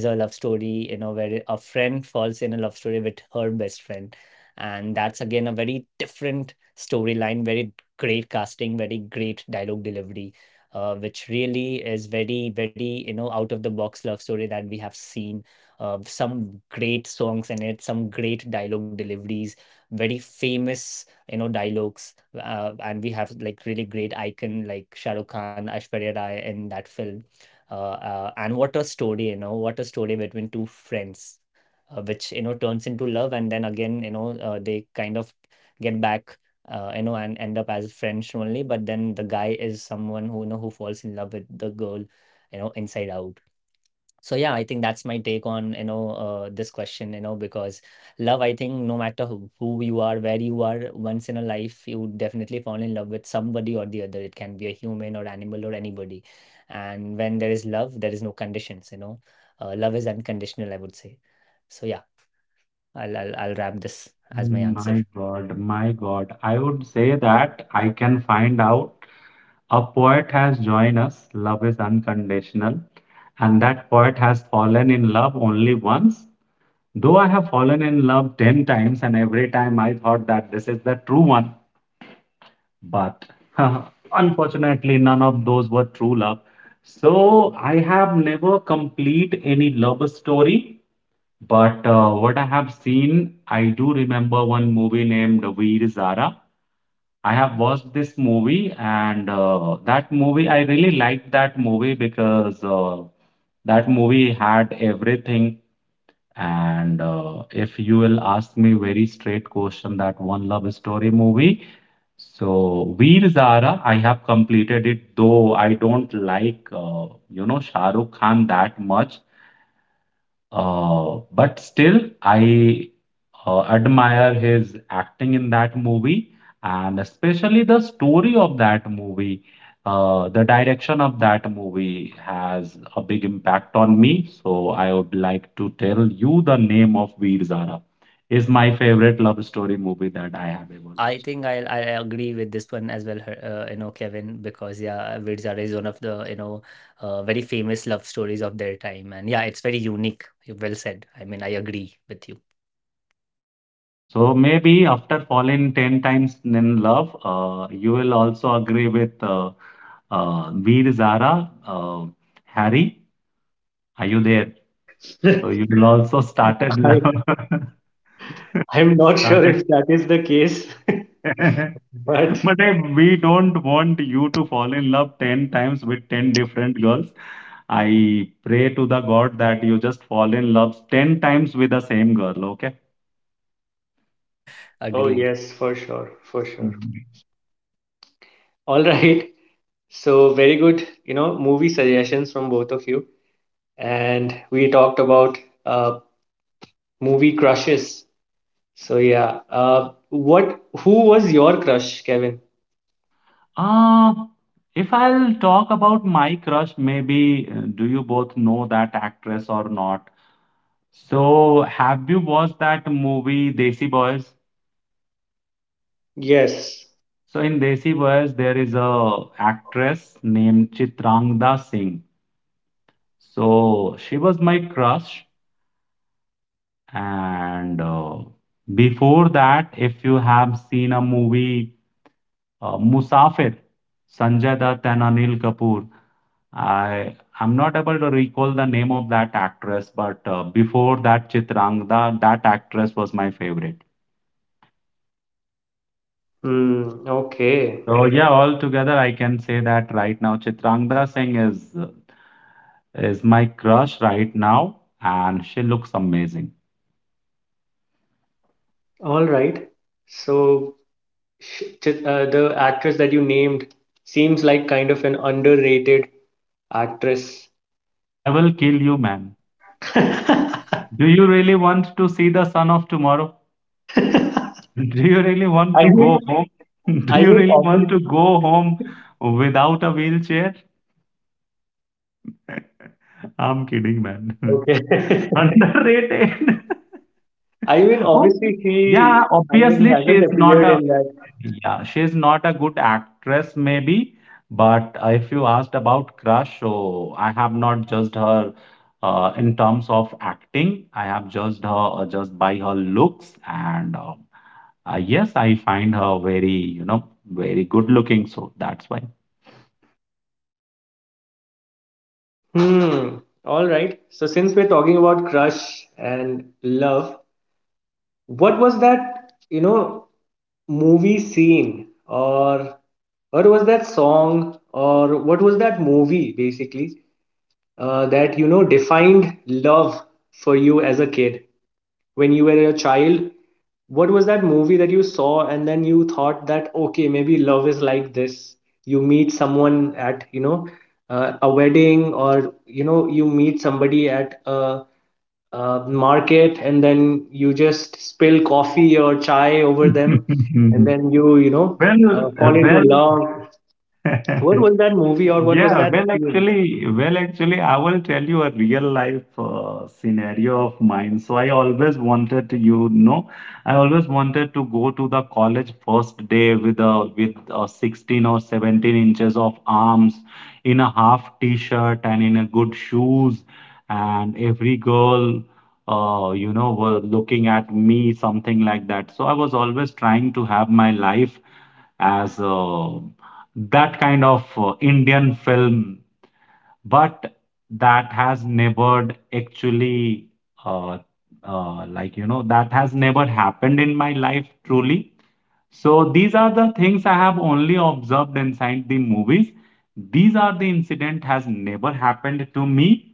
is a love story, you know, where a friend falls in a love story with her best friend. And that's again a very different storyline, very great casting, very great dialogue delivery, which really is very, very, you know, out of the box love story that we have seen. Some great songs in it, some great dialogue deliveries, very famous, you know, dialogues. And we have like really great icon like Shah Rukh Khan, Aishwarya Rai in that film. And what a story, you know, what a story between two friends, which you know turns into love, and then again you know, they kind of get back, you know, and end up as friends only. But then the guy is someone who, you know, who falls in love with the girl, you know, inside out. So yeah, I think that's my take on you know, this question you know, because love, I think, no matter who you are, where you are, once in a life you would definitely fall in love with somebody or the other. It can be a human or animal or anybody. And when there is love, there is no conditions you know. Love is unconditional, I would say. So yeah, I'll wrap this as my answer. My God, my God. I would say that I can find out a poet has joined us. Love is unconditional. And that poet has fallen in love only once. Though I have fallen in love 10 times, and every time I thought that this is the true one. But unfortunately, none of those were true love. So I have never complete any love story. But what I have seen, I do remember one movie named Veer Zara. I have watched this movie, and that movie, I really liked that movie because that movie had everything. And if you will ask me very straight question, that One Love Story movie. So Veer Zara, I have completed it, though I don't like you know Shah Rukh Khan that much. But still, I admire his acting in that movie and especially the story of that movie. The direction of that movie has a big impact on me. So I would like to tell you the name of Veer Zara is my favorite love story movie that I have ever I watched. think I agree with this one as well, you know, Kevin, because yeah, Veer is one of the, you know, very famous love stories of their time. And yeah, it's very unique. You well said. I mean, I agree with you. Mm, so maybe after falling 10 times in love, you will also agree with Veer Zara, Harry, are you there? So you will also started I love. I'm not sure Started. if that is the case, but But eh, we don't want you to fall in love 10 times with 10 different girls. I pray to the God that you just fall in love 10 times with the same girl, okay? oh, Agreed. yes, for sure, for sure. All right. So, very good, you know, movie suggestions from both of you. And we talked about uh, movie crushes. So, yeah. What, who was your crush, Kevin? Uh, if I'll talk about my crush, maybe do you both know that actress or not? So, have you watched that movie Desi Boys? Yes. So, in Desi Boys, there is a actress named Chitrangda Singh. So, she was my crush. And before that, if you have seen a movie Musafir, Sanjay Dutt and Anil Kapoor. I I'm not able to recall the name of that actress, but before that Chitrangda, that actress was my favorite. Hmm. Okay. So yeah, altogether I can say that right now Chitrangda Singh is my crush right now, and she looks amazing. All right. So, the actress that you named seems like kind of an underrated actress. I will kill you, man. Do you really want to see the sun of tomorrow? Do you really want to I go mean, home? Do I you mean, really want obviously, to go home without a wheelchair? I'm kidding, man. okay. Underrated. I mean, Okay. obviously, Yeah, he, I mean, he obviously hasn't she's not appeared a in that. yeah, she's not a good actress maybe, but if you asked about crush, so I have not judged her in terms of acting. I have judged her just by her looks, and yes, I find her very, you know, very good looking, so that's why. Hmm. All right. So since we're talking about crush and love, what was that, you know, movie scene or what was that song or what was that movie basically that you know defined love for you as a kid, when you were a child? What was that movie that you saw and then you thought that okay, maybe love is like this, you meet someone at you know a wedding, or you know you meet somebody at a market and then you just spill coffee or chai over them, and then you know Well, fall into well. love? What was that movie or what was Yeah, that well, scene? actually, well, actually, I will tell you a real life scenario of mine. So I always wanted to, you know, I always wanted to go to the college first day with a 16 or 17 inches of arms in a half t-shirt and in a good shoes, and every girl, you know, were looking at me, something like that. So I was always trying to have my life as that kind of Indian film, but that has never actually uh, like you know that has never happened in my life truly. So these are the things I have only observed inside the movies. These are the incident has never happened to me,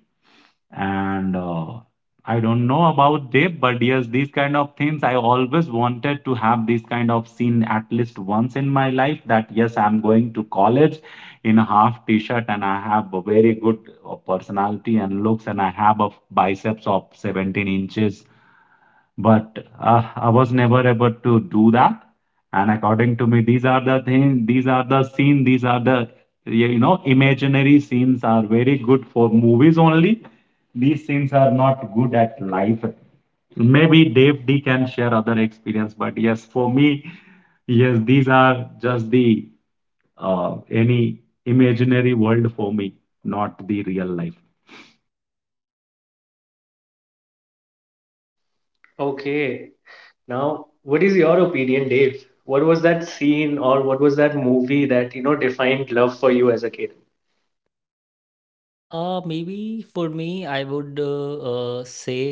and I don't know about they, but yes, these kind of things I always wanted to have this kind of scene at least once in my life. That yes, I'm going to college in a half t-shirt and I have a very good personality and looks, and I have a biceps of 17 inches, but I was never able to do that. And according to me, these are the things, these are the scene, these are the you know imaginary scenes are very good for movies only. These scenes are not good at life. Maybe Dave D can share other experience, but yes, for me, yes, these are just the any imaginary world for me, not the real life. Okay. Now, what is your opinion, Dave? What was that scene or what was that movie that, you know, defined love for you as a kid? Maybe for me, I would say,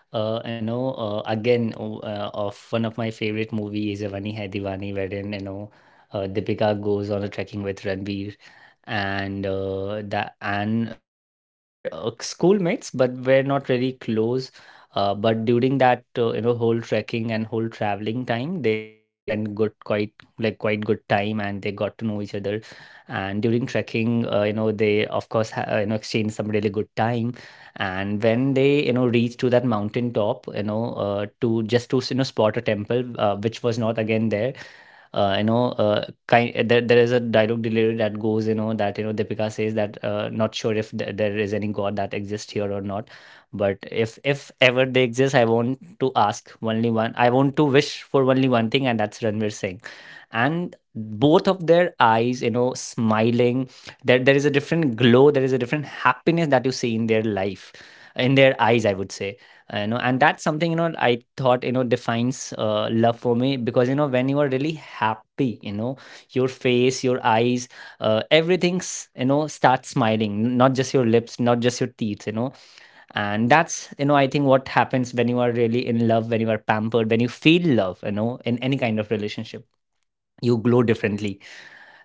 you know, again, of one of my favorite movies is Avani Hai Diwani, wherein, you know, Deepika goes on a trekking with Ranbir. And that, and they were schoolmates, but were not really close. But during that, you know, whole trekking and whole traveling time, they spent good, quite like quite good time, and they got to know each other. And during trekking, you know, they of course you know exchange some really good time. And when they, you know, reached to that mountain top, you know, to just to you know spot a temple, which was not again there, you know, kind there, there is a dialogue delivery that goes, you know, that you know Deepika says that, not sure if there is any god that exists here or not, but if ever they exist, I want to ask only one, I want to wish for only one thing, and that's Ranveer Singh. And both of their eyes, you know, smiling, there is a different glow, there is a different happiness that you see in their life, in their eyes, I would say. You know, and that's something, you know, I thought, you know, defines love for me. Because you know when you are really happy, you know, your face, your eyes, everything's, you know, starts smiling, not just your lips, not just your teeth, you know. And that's you know, I think what happens when you are really in love, when you are pampered, when you feel love, you know, in any kind of relationship, you glow differently.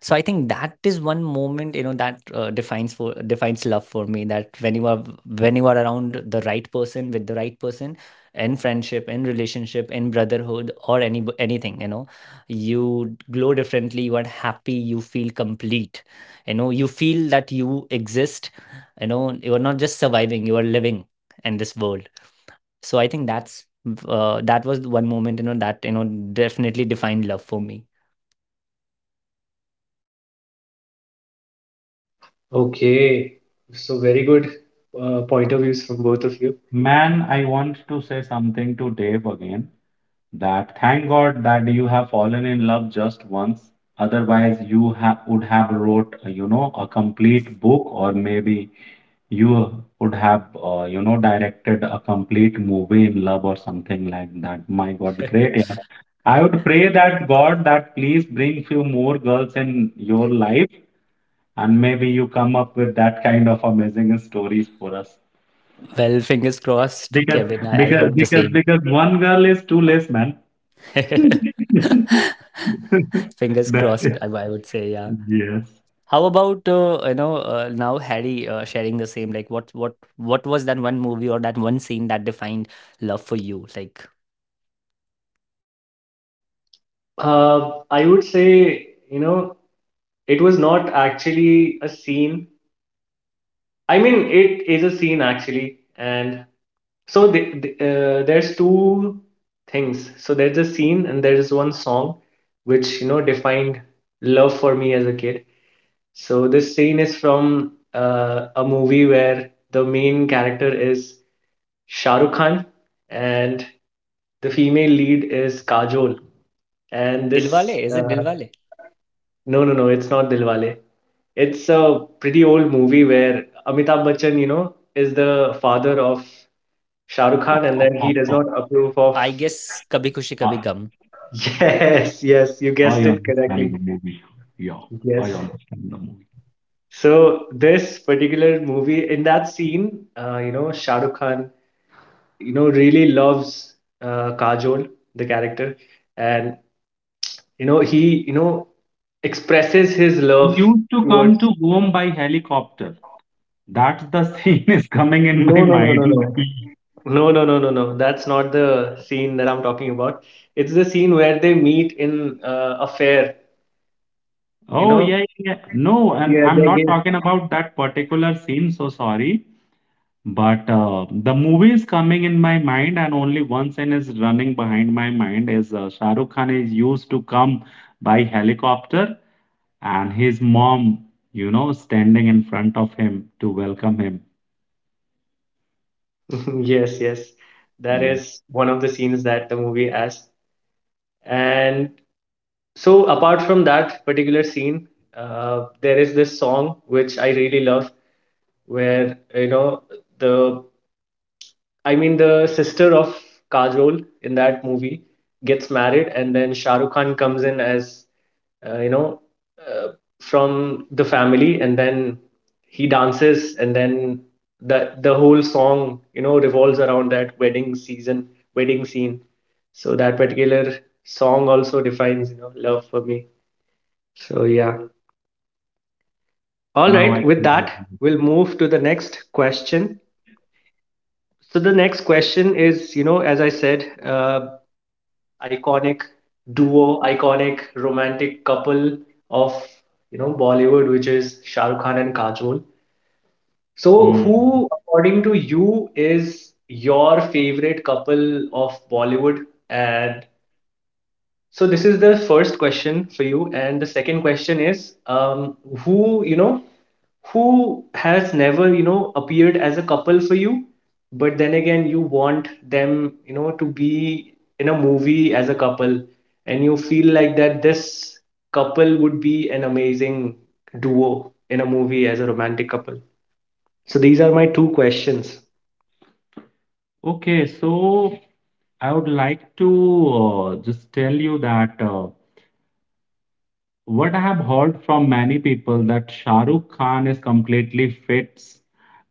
So I think that is one moment, you know, that defines for defines love for me. That when you are, when you are around the right person, with the right person, in friendship, in relationship, in brotherhood, or any anything, you know, you glow differently, you are happy, you feel complete, you know, you feel that you exist, you know, you are not just surviving, you are living in this world. So I think that's that was one moment, you know, that, you know, definitely defined love for me. Okay, so very good point of views from both of you. Man, I want to say something to Dave again. That thank God that you have fallen in love just once. Otherwise, you ha would have wrote, you know, a complete book, or maybe you would have, you know, directed a complete movie in love or something like that. My God, great. Yeah. I would pray that God that please bring few more girls in your life, and maybe you come up with that kind of amazing stories for us. Well, fingers crossed, Because Kevin. I because hope the because same. because one girl is too less, man. Fingers That crossed. is, I would say, yeah. yes. How about you know, now Harry sharing the same? Like, what was that one movie or that one scene that defined love for you? Like, I would say, you know, it was not actually a scene. I mean, it is a scene actually. And so there's two things. So there's a scene and there is one song which, you know, defined love for me as a kid. So this scene is from a movie where the main character is Shah Rukh Khan, and the female lead is Kajol. And Dilwale, this, is it Dilwale? no, no, no, it's not Dilwale. It's a pretty old movie where Amitabh Bachchan, you know, is the father of Shah Rukh I Khan, and then he does I not approve of. I guess Kabhi Khushi Kabhi I- Gum. Yes, yes, you I guessed it understand the correctly. movie. Yeah, I Yes. understand the movie. So this particular movie, in that scene, you know, Shah Rukh Khan you know really loves Kajol, the character, and you know he you know expresses his Yes, he love used to come towards. to home by helicopter. That's the scene is coming in my No, no, no, no, mind. no, no, no, no, no, no. That's not the scene that I'm talking about. It's the scene where they meet in a fair. You Oh, know. yeah, yeah, yeah. No, and Yeah, I'm they not get. talking about that particular scene, so sorry. But the movie is coming in my mind, and only one scene is running behind my mind is Shah Rukh Khan is used to come by helicopter, and his mom, you know, standing in front of him to welcome him. Yes, that Yes. is one of the scenes that the movie has, and so apart from that particular scene, there is this song which I really love where the I mean the sister of Kajol in that movie gets married, and then Shah Rukh Khan comes in as uh, you know uh, from the family, and then he dances, and then the whole song revolves around that wedding season, wedding scene. So that particular song also defines love for me. So yeah. All Now I right, with can that, we'll move to the next question. So the next question is, you know, as I said, iconic duo, iconic romantic couple of, you know, Bollywood, which is Shah Rukh Khan and Kajol. So Mm. who, according to you, is your favorite couple of Bollywood, and so this is the first question for you, and the second question is, who you know, who has never appeared as a couple for you, but then again you want them to be in a movie as a couple, and you feel like that this couple would be an amazing duo in a movie as a romantic couple. So these are my two questions. Okay, so I would like to just tell you that what I have heard from many people that Shah Rukh Khan is completely fits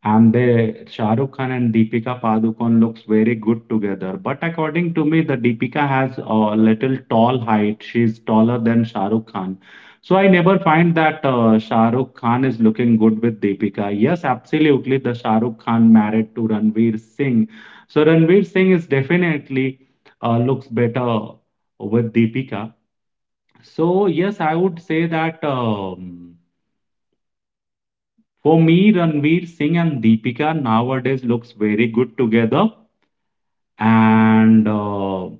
and they Shah Rukh Khan and Deepika Padukone looks very good together. But according to me, the Deepika has a little tall height. She's taller than Shah Rukh Khan. So I never find that Shah Rukh Khan is looking good with Deepika. Yes, absolutely. The Shah Rukh Khan married to Ranveer Singh. So Ranveer Singh is definitely looks better with Deepika. So, yes, I would say that for me, Ranveer Singh and Deepika nowadays looks very good together. And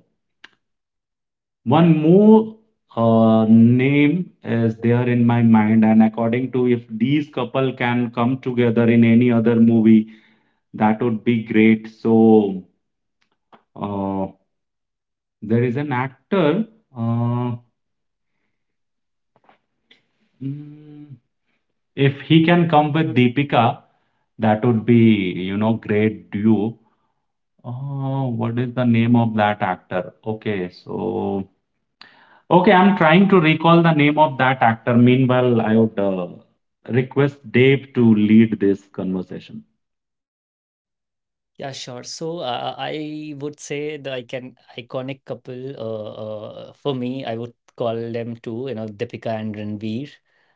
one more name is there in my mind. And according to if these couple can come together in any other movie, that would be great. So, uh, there is an actor. Uh, mm, if he can come with Deepika, that would be, you know, great duo. Oh, what is the name of that actor? Okay, I'm trying to recall the name of that actor. Meanwhile, I would request Dave to lead this conversation. Yeah, sure. So I would say the I can iconic couple for me, I would call them two, you know, Deepika and Ranveer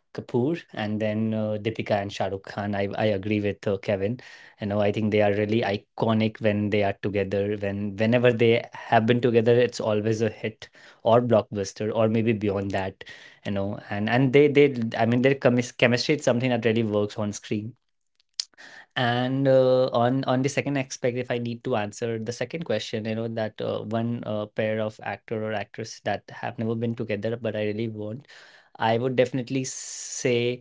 Kapoor, and then Deepika and Shah Rukh Khan. I agree with Kevin. You know, I think they are really iconic when they are together. When whenever they have been together, it's always a hit or blockbuster or maybe beyond that. You know, and they I mean their chemistry is something that really works on screen. And on the second aspect, if I need to answer the second question, you know, that one pair of actor or actress that have never been together, but I really want, I would definitely say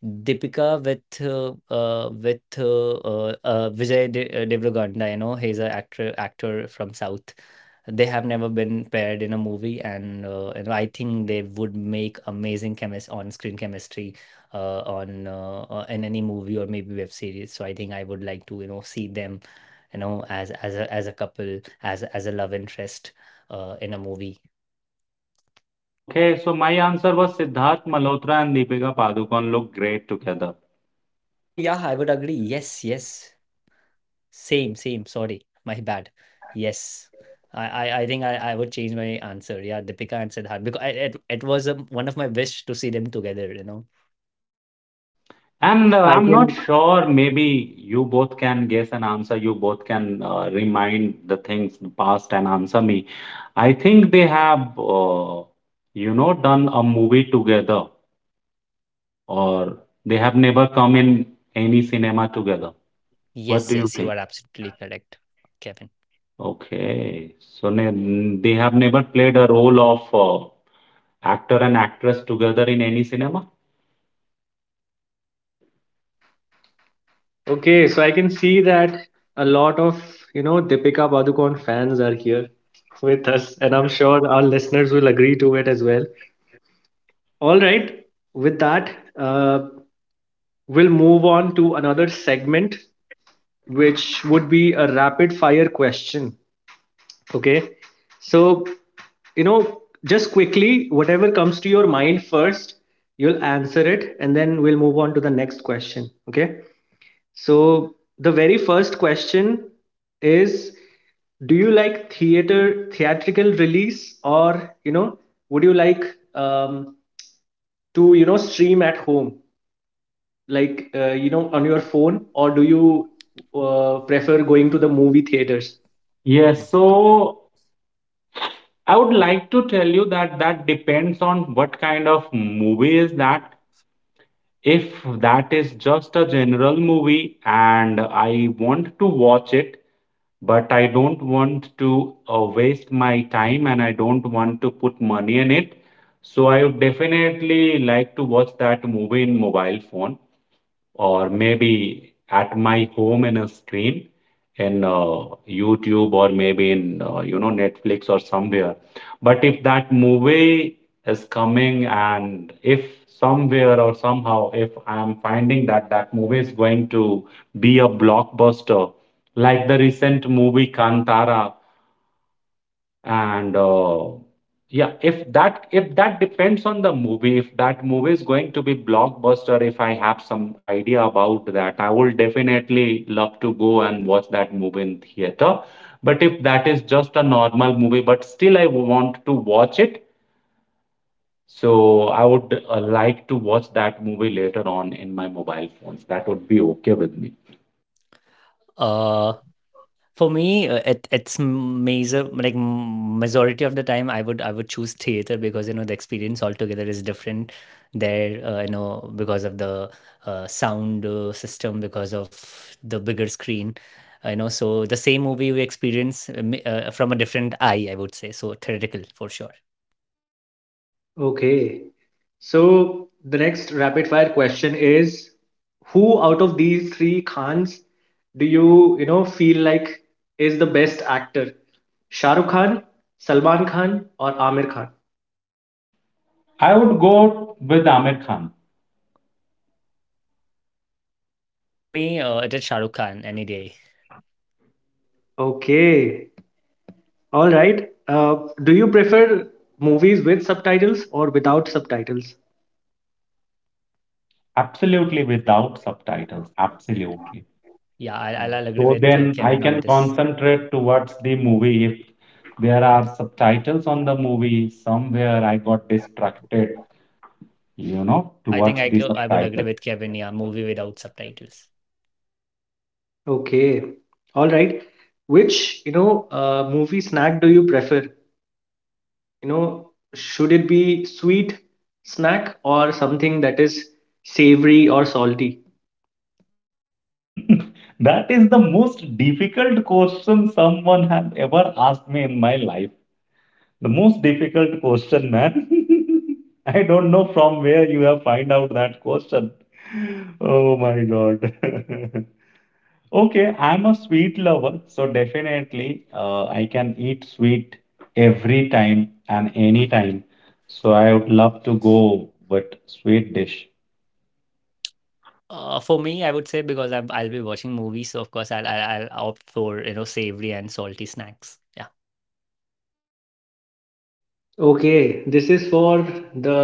Deepika with Vijay De Deverakonda, you know, he's an actor from South. They have never been paired in a movie, and you know, I think they would make amazing chemist on-screen chemistry on in any movie or maybe web series. So I think I would like to you know see them, you know, as as a couple, as a love interest in a movie. Okay, so my answer was Siddharth Malhotra and Deepika Padukone look great together. Oh yeah, I would agree. Yes, yes. Same, same. Sorry, my bad. Yes, I think I would change my answer. Yeah, Deepika and Siddharth, because I, it was one of my wish to see them together. You know. And I I'm not can sure, maybe you both can guess an answer, you both can remind the things in the past and answer me. I think they have, done a movie together, or they have never come in any cinema together. What do Yes, you yes, you think? are absolutely correct, Kevin. Okay, so ne they have never played a role of actor and actress together in any cinema? okay, so I can see that a lot of, you know, Deepika Padukone fans are here with us, and I'm sure our listeners will agree to it as well. All right, with that, uh, we'll move on to another segment, which would be a rapid fire question. Okay, so, you know, just quickly, whatever comes to your mind first, you'll answer it, and then we'll move on to the next question. Okay, so, the very first question is, do you like theater theatrical release, or you know would you like um, to you know stream at home like you know on your phone, or do you prefer going to the movie theaters? Yes, Mm. so I would like to tell you that that depends on what kind of movie is that. If that is just a general movie and I want to watch it, but I don't want to waste my time and I don't want to put money in it. So I would definitely like to watch that movie in mobile phone, or maybe at my home in a screen in YouTube, or maybe in you know, Netflix or somewhere. But if that movie is coming, and if somewhere or somehow if I am finding that movie is going to be a blockbuster like the recent movie Kantara, and yeah, if that, if that depends on the movie, if that movie is going to be blockbuster, if I have some idea about that, I will definitely love to go and watch that movie in theater. But if that is just a normal movie but still I want to watch it, so I would like to watch that movie later on in my mobile phones. That would be okay with me. Uh, For me, it, it's major like majority of the time I would choose theater, because you know the experience altogether is different there. You know, because of the sound system, because of the bigger screen, you know, so the same movie we experience from a different eye, I would say. So theoretical for sure. Okay. So the next rapid fire question is, who out of these three Khans do you, you know, feel like is the best actor? Shah Rukh Khan, Salman Khan, or Amir Khan? I would go with Amir Khan. For me, it is Shah Rukh Khan any day. Okay. All right. Do you prefer movies with subtitles or without subtitles? Absolutely without subtitles, absolutely. Yeah, I'll agree So with then I Kevin on can this. concentrate towards the movie. If there are subtitles on the movie, somewhere I got distracted, you know, I think towards the I would subtitle. agree with Kevin. Yeah, movie without subtitles. Okay. All right. Which, you know, movie snack do you prefer? You know, should it be sweet snack, or something that is savory or salty? That is the most difficult question someone have ever asked me in my life. The most difficult question, man. I don't know from where you have find out that question. Oh my God. Okay, I'm a sweet lover, so definitely I can eat sweet every time and any time. So I would love to go with sweet dish. For me, I would say because I'll be watching movies, so of course I'll opt for you know savory and salty snacks. Yeah, Okay, this is for the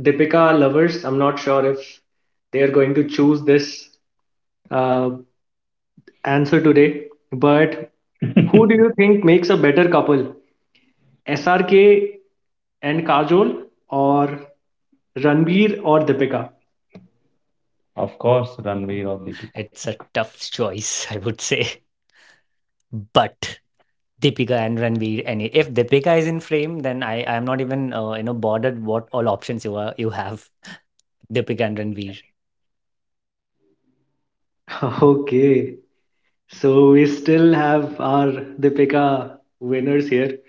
Deepika lovers. I'm not sure if they are going to choose this uh, answer today, but who do you think makes a better couple, SRK and Kajol, or Ranbir or Deepika? Of course, Ranveer or Deepika. it's a tough choice, I would say. But Deepika and Ranveer, any if Deepika is in frame, then I'm not even you know bothered what all options you have. Deepika and Ranveer, Okay, so we still have our Deepika winners here.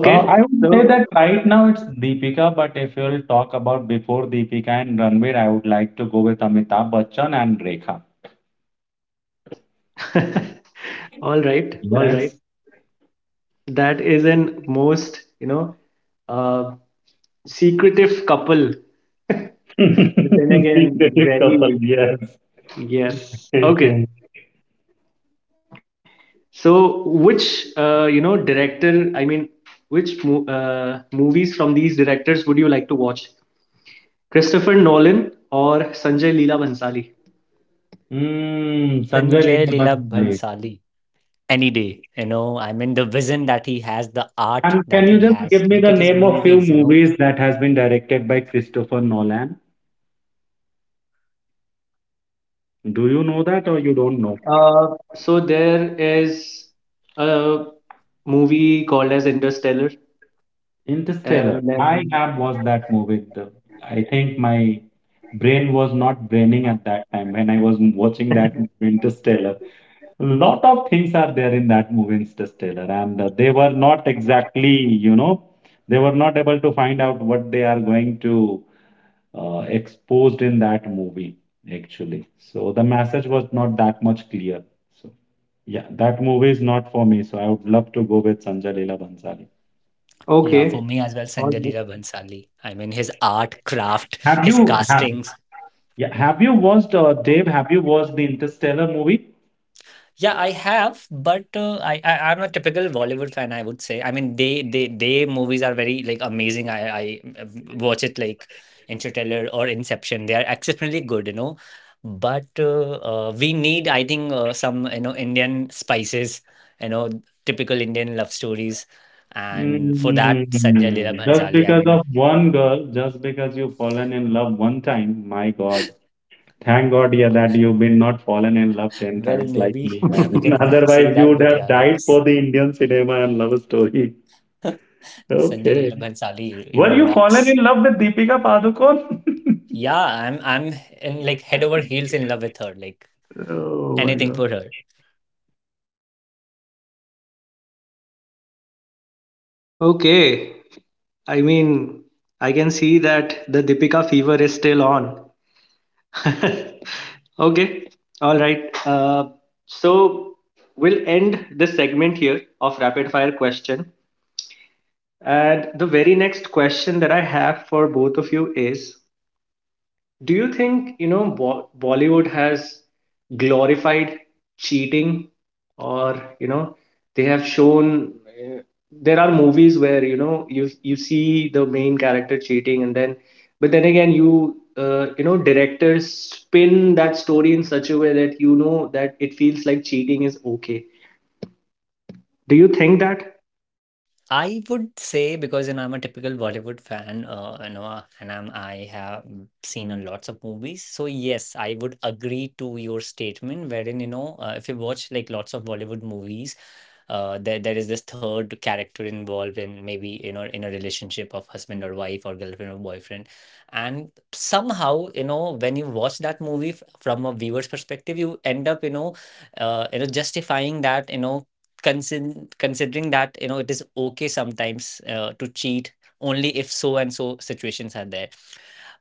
I would say so that right now it's Deepika, but if you'll talk about before Deepika and Ranveer, I would like to go with Amitabh Bachchan and Rekha. all right, all right. Yes. That is an most, you know, uh, secretive couple. But then Secretive again, couple, very yes. yes. Okay. So which you know director? I mean, which movies from these would you like to watch? Christopher Nolan or Sanjay Leela Bhansali? Mm, Sanjay Sanjay Leela Leela Bansallee. Bhansali, any day. You know, I mean the vision that he has, the art And can that you he just has. give me Look the at his name of few movies. You know, movies that has been directed by Christopher Nolan? Do you know that or you don't know? So there is a movie called as Interstellar. Interstellar. And I have then, watched that movie. The- I think my brain was not braining at that time when I was watching that Interstellar. Lot of things are there in that movie Interstellar, and they were not exactly, you know, they were not able to find out what they are going to exposed in that movie actually. So the message was not that much clear, so yeah, that movie is not for me, so I would love to go with Sanjay Leela Bhansali. yeah, for me okay. as well, Sanjay All Leela Bhansali. I mean, his art, craft, have his you have, castings. yeah, have you watched Dave, have you watched the Interstellar movie? Yeah, I have, but I, I'm a typical Bollywood fan, I would say. I mean, they movies are very like amazing. I watch it like Interstellar or Inception. They are exceptionally good, But we need, I think, some Indian spices, you know, typical Indian love stories, and for that, Sanjay Leela Mm, just Bhansali. I because of mean, one girl, just because you've fallen in love one time, my God. Thank God, yeah, that you've been not fallen in love ten well, times like maybe me, right. man. you can say Otherwise, you that, would but have yeah, like died for the Indian cinema and love story. Sanjay Okay. Leela Bhansali, you know, Were you fallen in rocks. love with Deepika Padukone? Yeah, I'm in like head over heels in love with her, like Oh my anything for God. her. Okay. I mean, I can see that the Deepika fever is still on. Okay. All right. So we'll end this segment here of rapid fire question. And the very next question that I have for both of you is, do you think, you know, Bo Bollywood has glorified cheating, or, you know, they have shown there are movies where, you know, you see the main character cheating, and then but then again you you know, directors spin that story in such a way that you know that it feels like cheating is okay. Do you think that? I would say because you know I'm a typical Bollywood fan, you know, and I have seen a lots of movies. So yes, I would agree to your statement wherein you know if you watch like lots of Bollywood movies, there is this third character involved in maybe you know in a relationship of husband or wife or girlfriend or boyfriend, and somehow you know when you watch that movie from a viewer's perspective, you end up you know justifying that you know considering that you know it is okay sometimes to cheat only if so and so situations are there.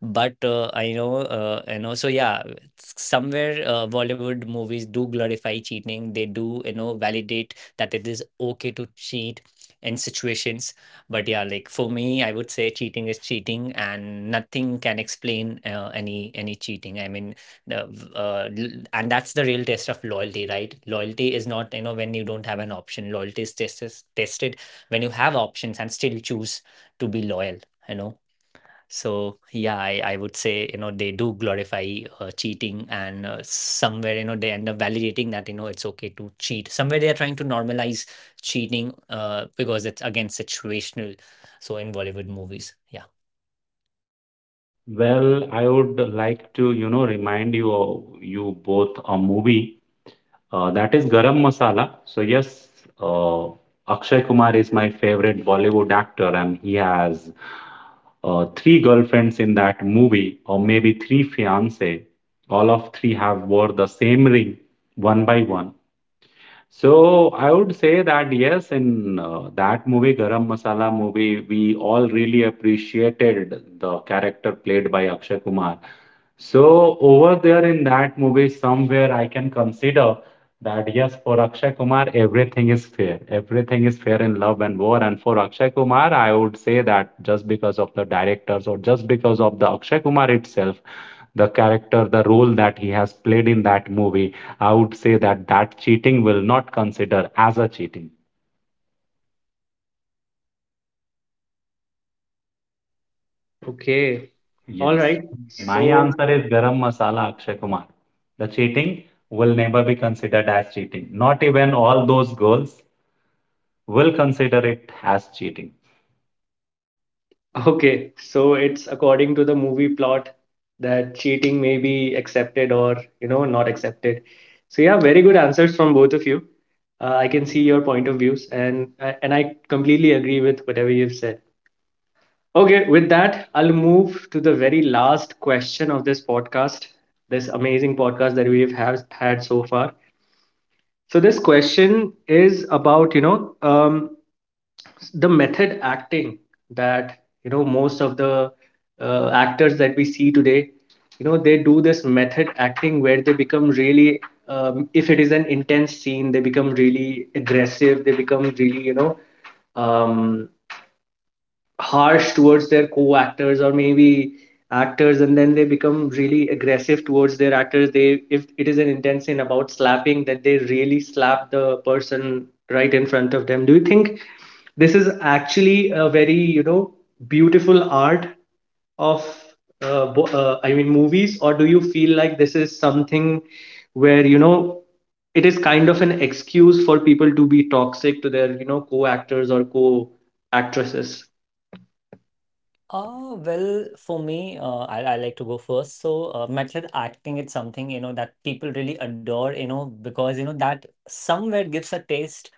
But I know, you know, so yeah, somewhere Bollywood movies do glorify cheating. They do, you know, validate that it is okay to cheat in situations. But yeah, like for me, I would say cheating is cheating, and nothing can explain any cheating. I mean, and that's the real test of loyalty, right? Loyalty is not, you know, when you don't have an option. Loyalty is tested when you have options and still choose to be loyal. You know, so yeah, I would say you know they do glorify cheating, and somewhere you know they end up validating that you know it's okay to cheat. Somewhere they are trying to normalize cheating because it's again situational. So in Bollywood movies, yeah. Well, I would like to, you know, remind you of you both a movie that is Garam Masala. So yes, uh, Akshay Kumar is my favorite Bollywood actor, and he has three girlfriends in that movie, or maybe three fiancee. All of three have wore the same ring, one by one. So I would say that yes, in that movie, Garam Masala movie, we all really appreciated the character played by Akshay Kumar. So over there in that movie, somewhere I can consider that yes, for Akshay Kumar, everything is fair. Everything is fair in love and war. And for Akshay Kumar, I would say that just because of the directors or just because of the Akshay Kumar itself, the character, the role that he has played in that movie, I would say that that cheating will not consider as a cheating. Okay. All Yes. right. My So answer is Garam Masala Akshay Kumar. The cheating will never be considered as cheating. Not even all those girls will consider it as cheating. okay, so it's according to the movie plot that cheating may be accepted, or, you know, not accepted. So yeah, very good answers from both of you. I can see your point of views, and I completely agree with whatever you've said. Okay, with that, I'll move to the very last question of this podcast, this amazing podcast that we've have had so far. So this question is about, you know, the method acting that you know most of the actors that we see today, you know they do this method acting where they become really if it is an intense scene, they become really aggressive, they become really, you know, um, harsh towards their co-actors, or maybe actors, and then they become really aggressive towards their actors, they if it is an intense scene about slapping, that they really slap the person right in front of them. Do you think this is actually a very, you know, beautiful art of I mean movies, or do you feel like this is something where, you know, it is kind of an excuse for people to be toxic to their, you know, co-actors or co-actresses? Well, for me, I like to go first. So, method acting is something, you know, that people really adore, you know, because, you know, that somewhere gives a taste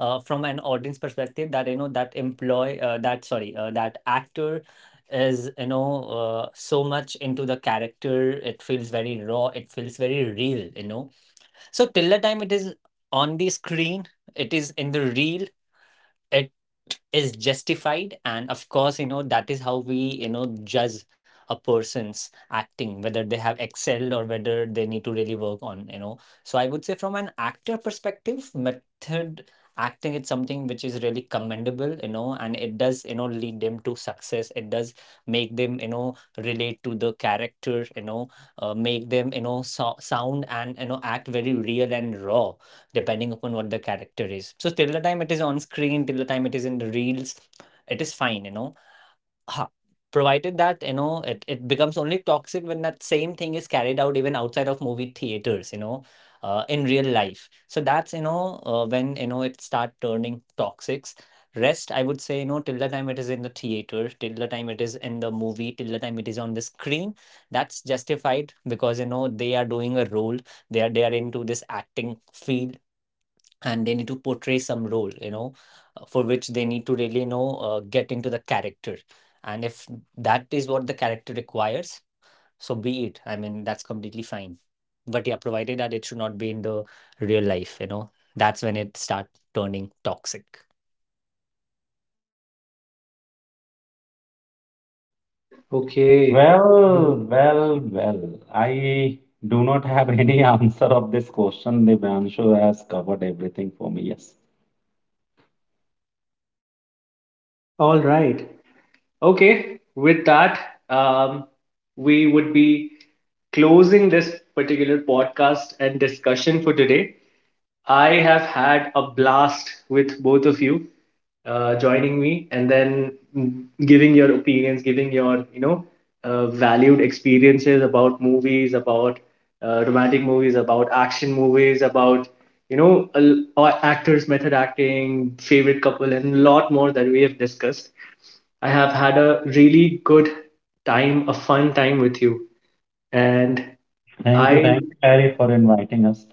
from an audience perspective that you know that employ that sorry that actor is you know so much into the character. It feels very raw, it feels very real, you know. So till the time it is on the screen, it is in the reel, is justified. And of course you know that is how we you know judge a person's acting, whether they have excelled or whether they need to really work on, you know. So I would say from an actor perspective, method acting is something which is really commendable, you know, and it does you know lead them to success. It does make them you know relate to the character, you know, make them you know sound and you know act very real and raw depending upon what the character is. So till the time it is on screen, till the time it is in the reels, it is fine, you know. Ha. Provided that, you know, it becomes only toxic when that same thing is carried out even outside of movie theaters, you know, in real life. So that's, you know, when, you know, it start turning toxics. Rest, I would say, you know, till the time it is in the theater, till the time it is in the movie, till the time it is on the screen, that's justified because, you know, they are doing a role. They are into this acting field and they need to portray some role, you know, for which they need to really you know get into the character. And if that is what the character requires, so be it. I mean, that's completely fine. But yeah, provided that it should not be in the real life, you know. That's when it start turning toxic. Okay. Well, well, well. I do not have any answer of this question. Devanshu has covered everything for me. Yes. All right. Okay. With that, um, we would be closing this particular podcast and discussion for today. I have had a blast with both of you joining me, and then mm, giving your opinions, giving your, you know, valued experiences about movies, about romantic movies, about action movies, about, you know, actors, method acting, favorite couple, and a lot more that we have discussed. I have had a really good time, a fun time with you. And Thank you. I Thank you, Harry, for inviting us.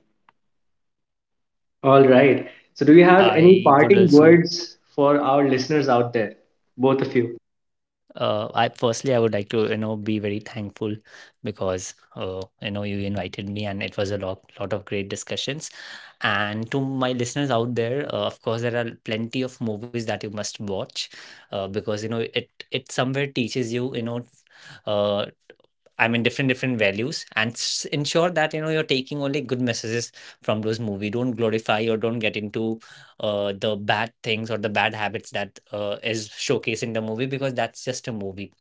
all right. So, do you have any I would parting also, words for our listeners out there? Both of you. I firstly I would like to you know be very thankful because you know you invited me and it was a lot of great discussions. And to my listeners out there, of course there are plenty of movies that you must watch because you know it somewhere teaches you, you know, uh, I mean different different values, and ensure that you know you're taking only good messages from those movie. Don't glorify or don't get into the bad things or the bad habits that is showcased in the movie, because that's just a movie.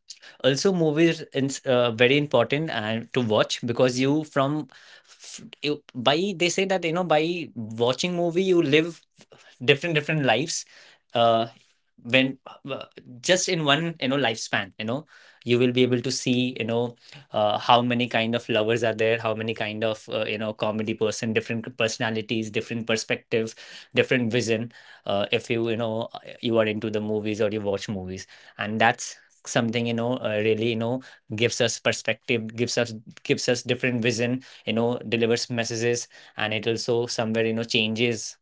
Also, movies is very important and to watch, because you from you, by, they say that you know by watching movie you live different different lives, uh when, uh, just in one you know lifespan, you know, you will be able to see you know how many kind of lovers are there, how many kind of you know comedy person, different personalities, different perspective, different vision, if you you know you are into the movies or you watch movies. And that's something you know really you know gives us perspective, gives us, gives us different vision, you know, delivers messages. And it also somewhere you know changes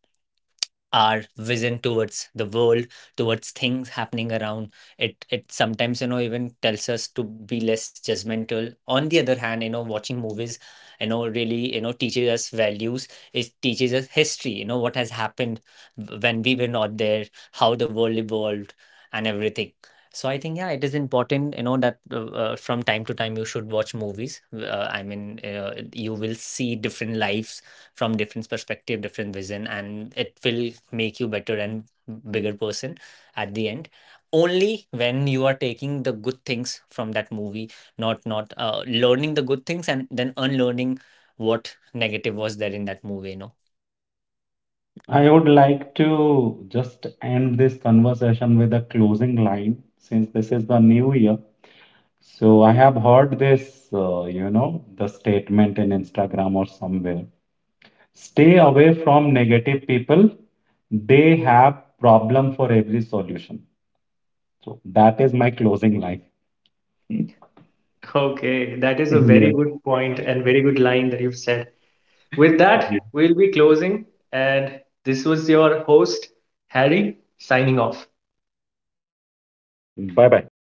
our vision towards the world, towards things happening around. It sometimes you know even tells us to be less judgmental. On the other hand, you know watching movies, you know really you know teaches us values. It teaches us history, you know, what has happened when we were not there, how the world evolved and everything. So I think yeah, it is important you know that from time to time you should watch movies. I mean, you will see different lives from different perspective, different vision, and it will make you better and bigger person at the end, only when you are taking the good things from that movie, not learning the good things and then unlearning what negative was there in that movie, you know. Mm, I would like to just end this conversation with a closing line since this is the new year. So I have heard this, the statement in Instagram or somewhere. Stay away from negative people. They have problem for every solution. So that is my closing line. Okay, that is a very Yes, good point and very good line that you've said. With that, yes. we'll be closing. And this was your host, Harry, signing off. Bye bye.